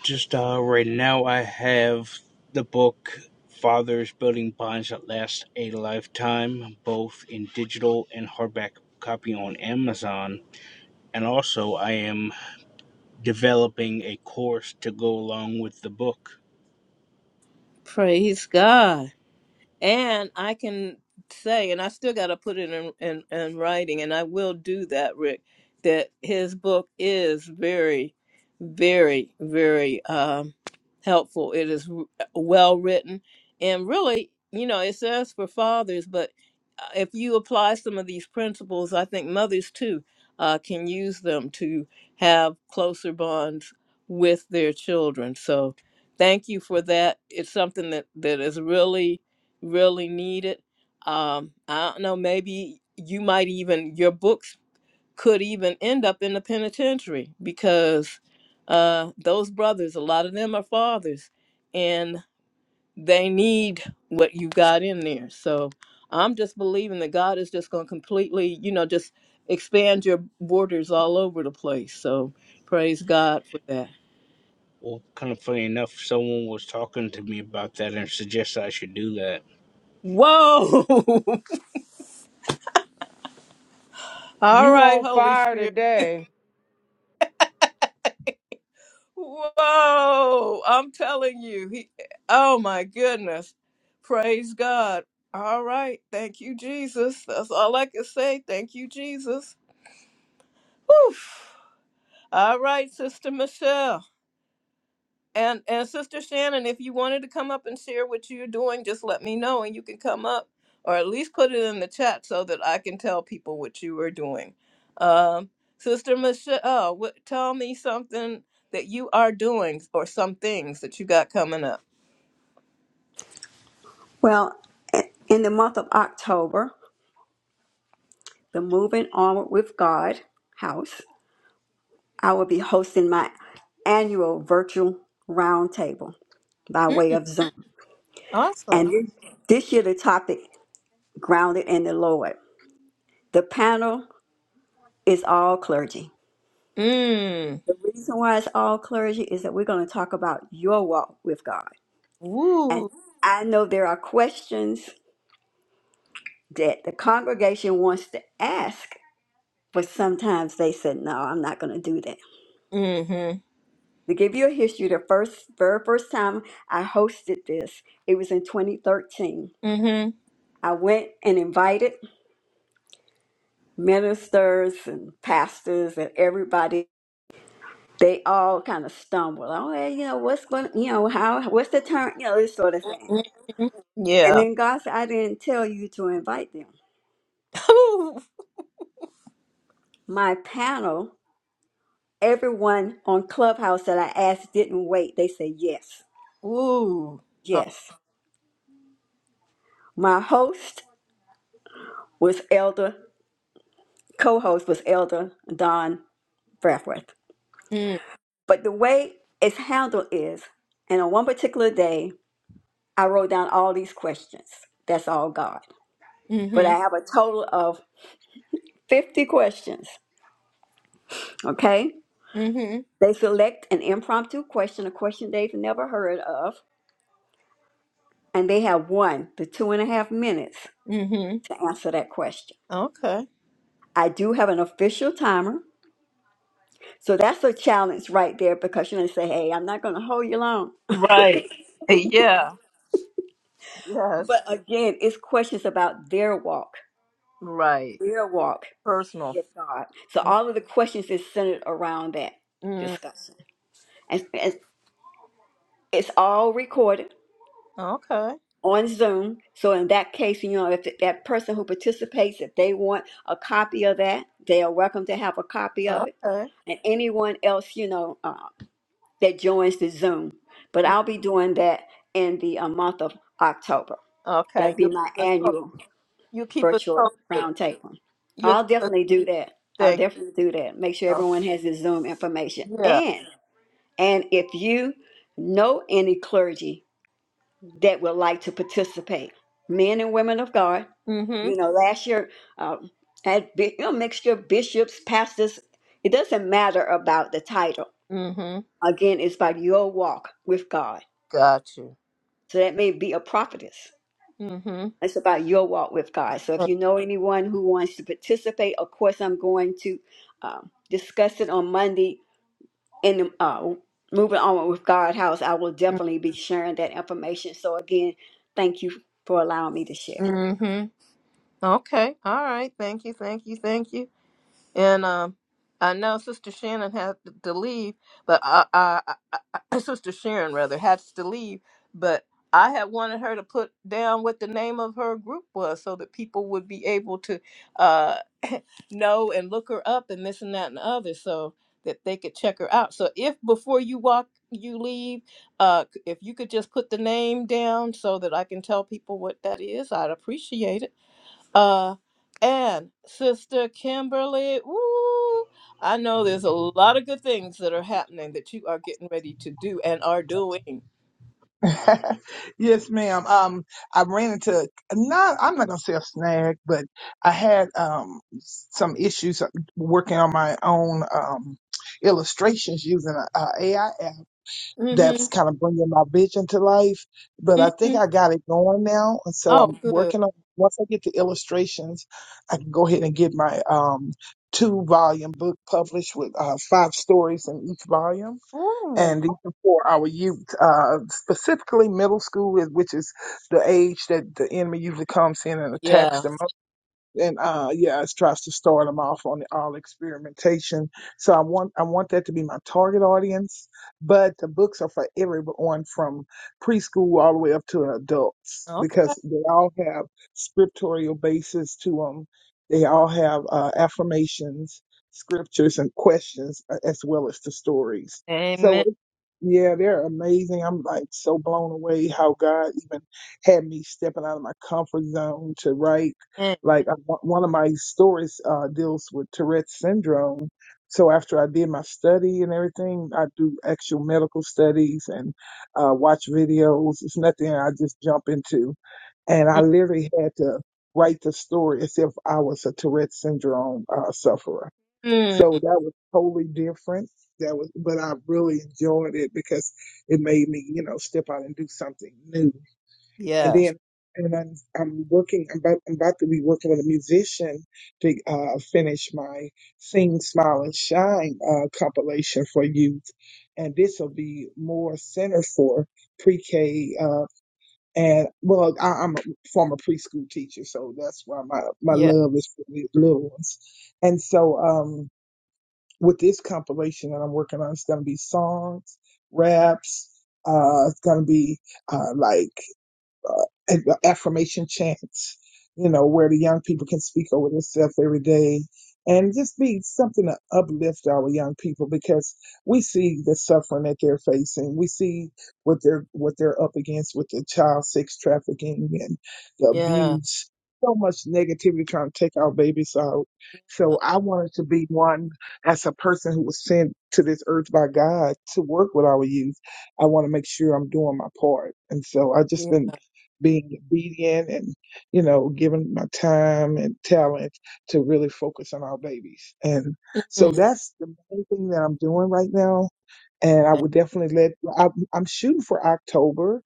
Speaker 4: Just uh, right now, I have the book "Fathers Building Bonds That Last a Lifetime," both in digital and hardback copy on Amazon and also I am developing a course to go along with the book.
Speaker 1: Praise God. And I can say, and I still got to put it in, in, in writing, and I will do that, Rick, that his book is very, very, very um, helpful. It is w- well written. And really, you know, it says for fathers, but uh, if you apply some of these principles, I think mothers too uh, can use them to have closer bonds with their children. So thank you for that. It's something that, that is really really needed. Um, I don't know, maybe you might even, your books could even end up in the penitentiary because uh, those brothers, a lot of them are fathers and they need what you got in there. So I'm just believing that God is just going to completely, you know, just expand your borders all over the place. So praise God for that.
Speaker 4: Well, kind of funny enough, someone was talking to me about that and suggested I should do that.
Speaker 1: Whoa! all
Speaker 2: You
Speaker 1: right,
Speaker 2: on
Speaker 1: Holy
Speaker 2: fire
Speaker 1: Spirit.
Speaker 2: today.
Speaker 1: Whoa, I'm telling you. He, oh my goodness. Praise God. All right. Thank you, Jesus. That's all I can say. Thank you, Jesus. Whew. All right, Sister Michelle. And and Sister Shannon, if you wanted to come up and share what you're doing, just let me know and you can come up or at least put it in the chat so that I can tell people what you are doing. Um, Sister Michelle, what, tell me something that you are doing or some things that you got coming up.
Speaker 5: Well, in the month of October, the Moving Onward with God house I will be hosting my annual virtual roundtable by
Speaker 1: Mm,
Speaker 5: way of Zoom. And
Speaker 1: awesome.
Speaker 5: this, this year, the topic, Grounded in the Lord. The panel is all clergy.
Speaker 1: Mm.
Speaker 5: The reason why it's all clergy is that we're going to talk about your walk with God. And
Speaker 1: Woo.
Speaker 5: I know there are questions that the congregation wants to ask, but sometimes they said, no, I'm not going to do that.
Speaker 1: Mm-hmm.
Speaker 5: To give you a history, the first very first time I hosted this, it was in 2013
Speaker 1: Mm-hmm.
Speaker 5: I went and invited ministers and pastors and everybody. They all kind of stumbled. Oh, hey, you know, what's going, you know, how, what's the turn, you know, this sort of thing.
Speaker 1: mm-hmm.
Speaker 5: And
Speaker 1: Yeah.
Speaker 5: then God said, I didn't tell you to invite them.
Speaker 1: Ooh.
Speaker 5: My panel, everyone on Clubhouse that I asked didn't wait. They said yes,
Speaker 1: Ooh. Uh,
Speaker 5: yes. My host was Elder, co host was Elder Don Breathrith.
Speaker 1: mm,
Speaker 5: But the way it's handled is, and on one particular day, I wrote down all these questions. That's all God. But
Speaker 1: mm-hmm.
Speaker 5: I have a total of 50 questions. Okay.
Speaker 1: Mm-hmm.
Speaker 5: They select an impromptu question, a question they've never heard of, and they have one to two and a half minutes
Speaker 1: Mm-hmm.
Speaker 5: to answer that question.
Speaker 1: Okay.
Speaker 5: I do have an official timer. So that's a challenge right there because you're going to say, hey, I'm not going to hold you long.
Speaker 1: Right. Yeah.
Speaker 5: But
Speaker 1: Yes.
Speaker 5: again, it's questions about their walk,
Speaker 1: Right.
Speaker 5: their walk
Speaker 1: Personal.
Speaker 5: with God. So all of the questions is centered around that
Speaker 1: Mm.
Speaker 5: discussion. And, and it's all recorded
Speaker 1: Okay.
Speaker 5: on Zoom. So in that case, you know, if that person who participates, if they want a copy of that, they are welcome to have a copy of it.
Speaker 1: Okay.
Speaker 5: And anyone else, you know, uh, that joins the Zoom. But
Speaker 1: Mm.
Speaker 5: I'll be doing that in the uh, month of October. That'll
Speaker 1: Okay.
Speaker 5: be
Speaker 1: You
Speaker 5: my
Speaker 1: keep us po-
Speaker 5: annual
Speaker 1: you keep us
Speaker 5: virtual
Speaker 1: posted.
Speaker 5: roundtable.
Speaker 1: You
Speaker 5: I'll
Speaker 1: keep us
Speaker 5: definitely do that. I'll
Speaker 1: thank
Speaker 5: definitely do that. Make sure
Speaker 1: you.
Speaker 5: everyone has the Zoom information.
Speaker 1: Yeah.
Speaker 5: And and if you know any clergy that would like to participate, men and women of God.
Speaker 1: Mm-hmm.
Speaker 5: You know, last year uh, had bi- you know, mixture of bishops, pastors. It doesn't matter about the title.
Speaker 1: Mm-hmm.
Speaker 5: Again, it's about your walk with God.
Speaker 1: Got you.
Speaker 5: So that may be a prophetess.
Speaker 1: Mm-hmm.
Speaker 5: It's about your walk with God. So if you
Speaker 1: Mm-hmm.
Speaker 5: know anyone who wants to participate, of course, I'm going to um, discuss it on Monday in the uh, Moving On with God House. I will definitely be sharing that information. So again, thank you for allowing me to share.
Speaker 1: Mm-hmm. Okay. All right. Thank you. Thank you. Thank you. And um, I know Sister Shannon had to leave, but I, I, I, I- Sister Sharon rather had to leave, but I had wanted her to put down what the name of her group was so that people would be able to uh, know and look her up and this and that and the other so that they could check her out. So if before you walk, you leave, uh, if you could just put the name down so that I can tell people what that is, I'd appreciate it. Uh, and Sister Kimberly, woo, I know there's a lot of good things that are happening that you are getting ready to do and are doing.
Speaker 3: yes, ma'am. Um, I ran into not. I'm not gonna say a snag, but I had um some issues uh, working on my own um illustrations using a, a AI app
Speaker 1: Mm-hmm.
Speaker 3: that's kind of bringing my vision to life. But I
Speaker 1: mm
Speaker 3: think
Speaker 1: hmm
Speaker 3: I got it going now, and so
Speaker 1: Oh,
Speaker 3: I'm
Speaker 1: good.
Speaker 3: working on. Once I get the illustrations, I can go ahead and get my um two volume book published with uh, five stories in each volume
Speaker 1: Ooh,
Speaker 3: and these are for our youth, uh, specifically middle school, is- which is the age that the enemy usually comes in and attacks
Speaker 1: yeah.
Speaker 3: them. And uh, yeah, it tries to start them off on all experimentation. So I want I want that to be my target audience. But the books are for everyone from preschool all the way up to adults
Speaker 1: Okay.
Speaker 3: because they all have scriptorial basis to them. They all have uh, affirmations, scriptures, and questions uh, as well as the stories. So.
Speaker 1: Amen.
Speaker 3: Yeah, they're amazing. I'm like so blown away how God even had me stepping out of my comfort zone to write. Like uh, one one of my stories uh, deals with Tourette's syndrome. So after I did my study and everything, I do actual medical studies and uh, watch videos. It's nothing I just jump into. And I literally had to write the story as if I was a Tourette's syndrome uh, sufferer
Speaker 1: Mm,
Speaker 3: so that was totally different. That was, but I really enjoyed it because it made me, you know, step out and do something new. And
Speaker 1: Yes.
Speaker 3: then, and I'm, I'm working, I'm about, I'm about to be working with a musician to uh, finish my Sing, Smile, and Shine uh, compilation for youth. And this will be more center for pre-K. Uh, and well, I, I'm a former preschool teacher, so that's why my, my
Speaker 1: Yeah.
Speaker 3: love is for these little ones. And so, um, with this compilation that I'm working on. It's going to be songs, raps. Uh, it's going to be uh, like uh, affirmation chants, you know, where the young people can speak over themselves every day and just be something to uplift our young people because we see the suffering that they're facing. We see what they're what they're up against with the child sex trafficking and the
Speaker 1: Yeah.
Speaker 3: abuse. So much negativity trying to take our babies out. So I wanted to be one as a person who was sent to this earth by God to work with our youth. I want to make sure I'm doing my part. And so I just
Speaker 1: Yeah.
Speaker 3: been being obedient and you know giving my time and talent to really focus on our babies and so
Speaker 1: Mm,
Speaker 3: that's the main thing that i'm doing right now and I would definitely let. I, I'm shooting for October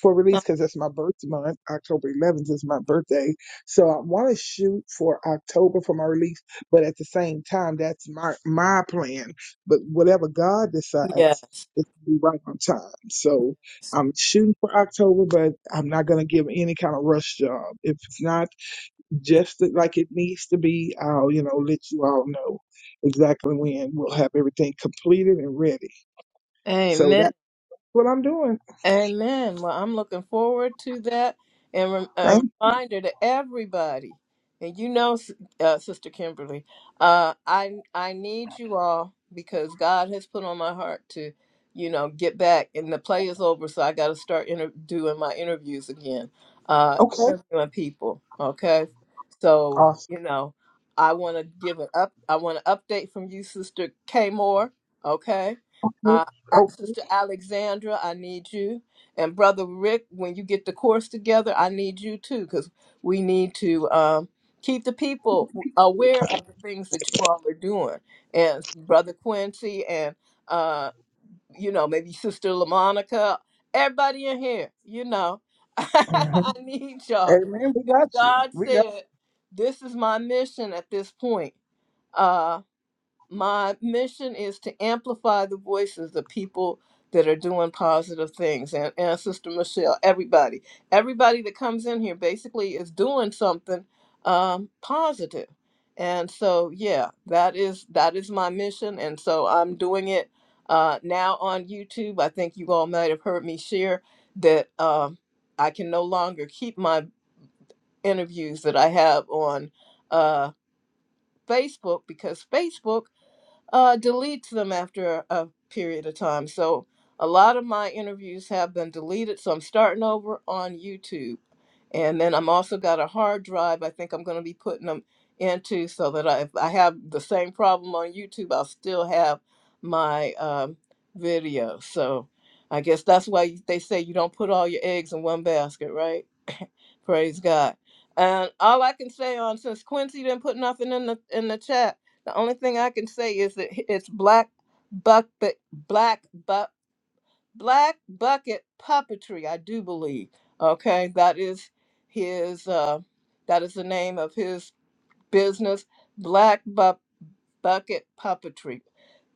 Speaker 3: for release because that's my birth month. October 11th is my birthday, so I want to shoot for October for my release. But at the same time, that's my my plan. But whatever God
Speaker 1: Yeah.
Speaker 3: decides, it's gonna be right on time. So I'm shooting for October, but I'm not gonna give any kind of rush job. If it's not just like it needs to be, I'll you know let you all know exactly when we'll have everything completed and ready. So
Speaker 1: Amen.
Speaker 3: that what I'm doing.
Speaker 1: Amen. Well, I'm looking forward to that. And rem- a
Speaker 3: Thank.
Speaker 1: reminder to everybody, and you know, S- uh, Sister Kimberly, uh, I I need you all because God has put on my heart to, you know, get back. And the play is over, so I got to start inter- doing my interviews again, uh,
Speaker 3: Okay.
Speaker 1: interviewing people. Okay, so
Speaker 3: Awesome.
Speaker 1: you know, I want to give an up. I want an update from you, Sister K Moore. Okay. Uh, a-
Speaker 3: Okay.
Speaker 1: Sister Alexandra, I need you. And Brother Rick, when you get the course together, I need you too, because we need to um, keep the people aware of the things that you all are doing. And Brother Quincy, and uh, you know, maybe Sister LaMonica, everybody in here, you know,
Speaker 3: hmm
Speaker 1: I need y'all.
Speaker 3: Amen. We got you.
Speaker 1: God
Speaker 3: We got.
Speaker 1: said, This is my mission at this point. Uh, my mission is to amplify the voices of people that are doing positive things and, and sister michelle everybody everybody that comes in here basically is doing something um, positive and so yeah that is that is my mission and so i'm doing it uh, now on youtube i think you all might have heard me share that um, i can no longer keep my interviews that i have on uh, facebook because facebook uh, deletes them after a period of time. So a lot of my interviews have been deleted. So I'm starting over on YouTube. And then I'm also got a hard drive. I think I'm going to be putting them into so that I, if I have the same problem on YouTube, I'll still have my um, video. So I guess that's why they say you don't put all your eggs in one basket, right? Praise God. And all I can say on since Quincy didn't put nothing in the in the chat, the only thing I can say is that it's black bucket black Buck black bucket puppetry, I do believe. Okay. That is his uh that is the name of his business, Black Bu- Bucket Puppetry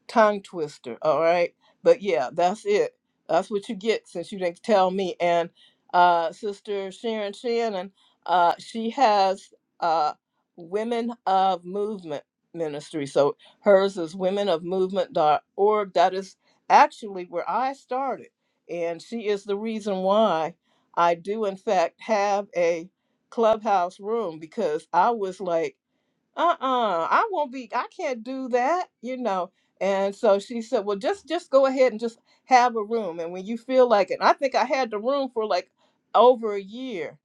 Speaker 1: tongue twister. All right. But yeah, that's it. That's what you get since you didn't tell me. And uh, Sister Sharon Shannon, uh, she has uh, Women of Movement Ministry. So hers is Women of Movement dot org. That is actually where I started. And she is the reason why I do, in fact, have a clubhouse room because I was like, uh-uh i won't be i can't do that you know and so she said well just just go ahead and just have a room and when you feel like it And i think i had the room for like over a year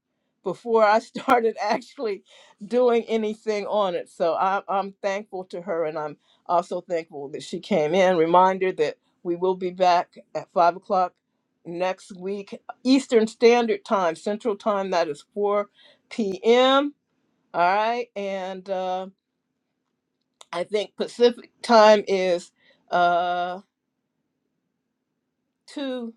Speaker 1: before i started actually doing anything on it so I, i'm thankful to her and i'm also thankful that she came in reminder that we will be back at five o'clock next week eastern standard time central time that is 4 p.m all right and uh I think Pacific time is uh two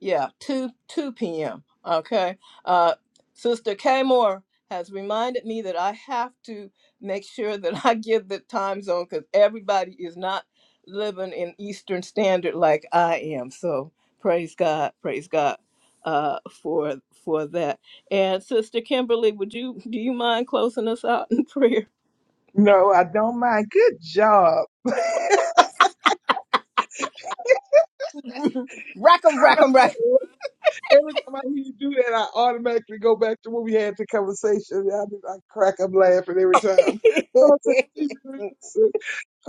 Speaker 1: yeah two two p.m. Okay, uh, Sister K Moore has reminded me that I have to make sure that I give the time zone because everybody is not living in Eastern Standard like I am. So praise God, praise God uh for for that and sister kimberly would you do you mind closing us out in prayer
Speaker 3: No, I don't mind. Good job.
Speaker 1: Rack 'em, rack 'em, rack
Speaker 3: Every time I hear you do that, I automatically go back to when we had the conversation. I, I crack up laughing every time. I said, "She really said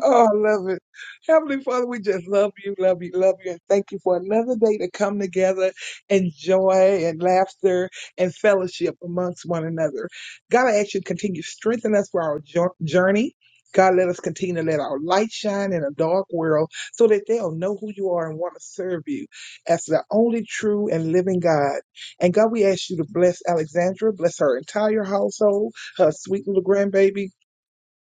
Speaker 3: Oh, I love it. Heavenly Father, we just love you, love you, love you, and thank you for another day to come together in joy and laughter and fellowship amongst one another. God, I ask you to continue to strengthen us for our jour- journey. God, let us continue to let our light shine in a dark world so that they'll know who you are and want to serve you as the only true and living God. And God, we ask you to bless Alexandra, bless her entire household, her sweet little grandbaby.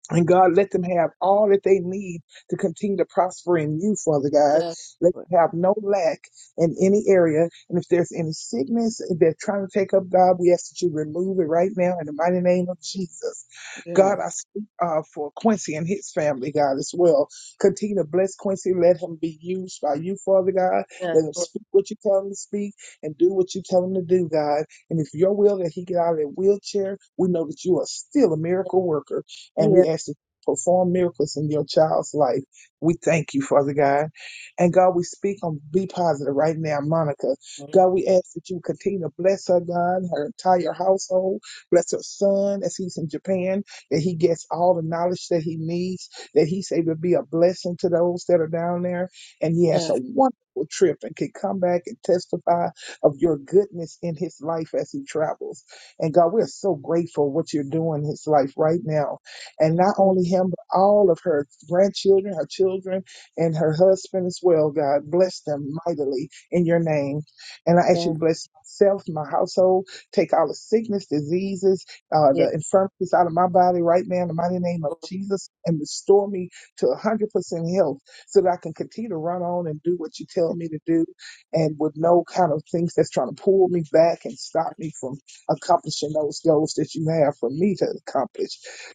Speaker 3: And God, let them have all that they need to continue to prosper in you, Father God.
Speaker 1: 'em.
Speaker 3: Let
Speaker 1: yeah
Speaker 3: them have no lack in any area. And if there's any sickness they're trying to take up, God, we ask that you remove it right now in the mighty name of Jesus.
Speaker 1: yeah
Speaker 3: God, I speak uh, for Quincy and his family, God, as well. Continue to bless Quincy. Let him be used by you, Father God. Let him speak what you tell him to speak and do what you tell him to do, God. And if your will that he get out of that wheelchair, we know that you are still a miracle worker and
Speaker 1: yeah
Speaker 3: we ask you to perform miracles in your child's life. We thank you, Father God. And God, we speak on Be Positive right now, Monica. God, we ask that you continue to bless her, God, her entire household. Bless her son as he's in Japan, that he gets all the knowledge that he needs, that he's able to be a blessing to those that are down there. And he has a wonderful trip and can come back and testify of your goodness in his life as he travels. And God, we're so grateful what you're doing in his life right now. And not only him, but all of her grandchildren, her children, and her husband as well, God. Bless them mightily in your name. And I ask you to
Speaker 1: Thank
Speaker 3: bless myself, my household, take all the sickness, diseases, uh,
Speaker 1: you.
Speaker 3: the infirmities out of my body right now in the mighty name of Jesus and restore me to 100% health so that I can continue to run on and do what you tell me to do and with no kind of things that's trying to pull me back and stop me from accomplishing those goals that you have for me to accomplish.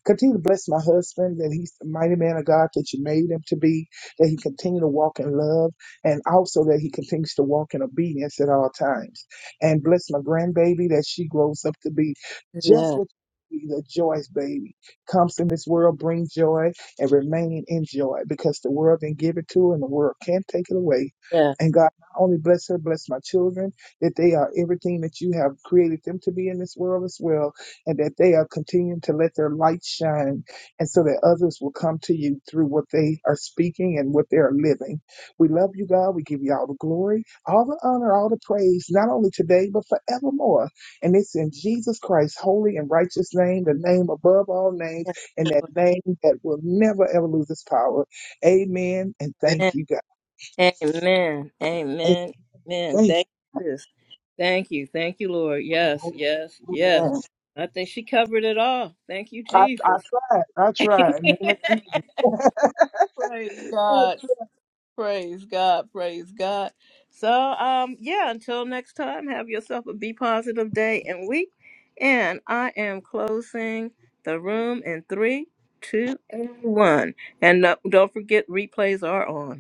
Speaker 3: Continue to bless my husband, that he's the mighty man of God that you made him to be, that he continue to walk in love, and also that he continues to walk in obedience at all times. And bless my grandbaby that she grows up to be just
Speaker 1: Yeah,
Speaker 3: what be the joyous baby comes in this world, bring joy and remain in joy because the world can give it to her and the world can't take it away.
Speaker 1: yeah.
Speaker 3: And God, not only bless her, bless my children, that they are everything that you have created them to be in this world as well and that they are continuing to let their light shine and so that others will come to you through what they are speaking and what they are living. We love you, God. We give you all the glory, all the honor, all the praise, not only today, but forevermore. And it's in Jesus Christ's holy and righteous name, the name above all names, and that name that will never, ever lose its power. Amen. And thank
Speaker 1: Amen.
Speaker 3: you, God.
Speaker 1: Amen.
Speaker 3: And
Speaker 1: Amen. Amen.
Speaker 3: Thank
Speaker 1: Thank you, sis. Thank you. Thank you, Lord. Yes,
Speaker 3: you.
Speaker 1: yes, yes.
Speaker 3: Amen.
Speaker 1: I think she covered it all. Thank you,
Speaker 3: I, I
Speaker 1: Jesus.
Speaker 3: tried. I tried. In the Name of Jesus.
Speaker 1: praise God. Praise God. Praise God. So, um, yeah, until next time, have yourself a be positive day and week. And I am closing the room in three, two, and one. And uh, don't forget, replays are on.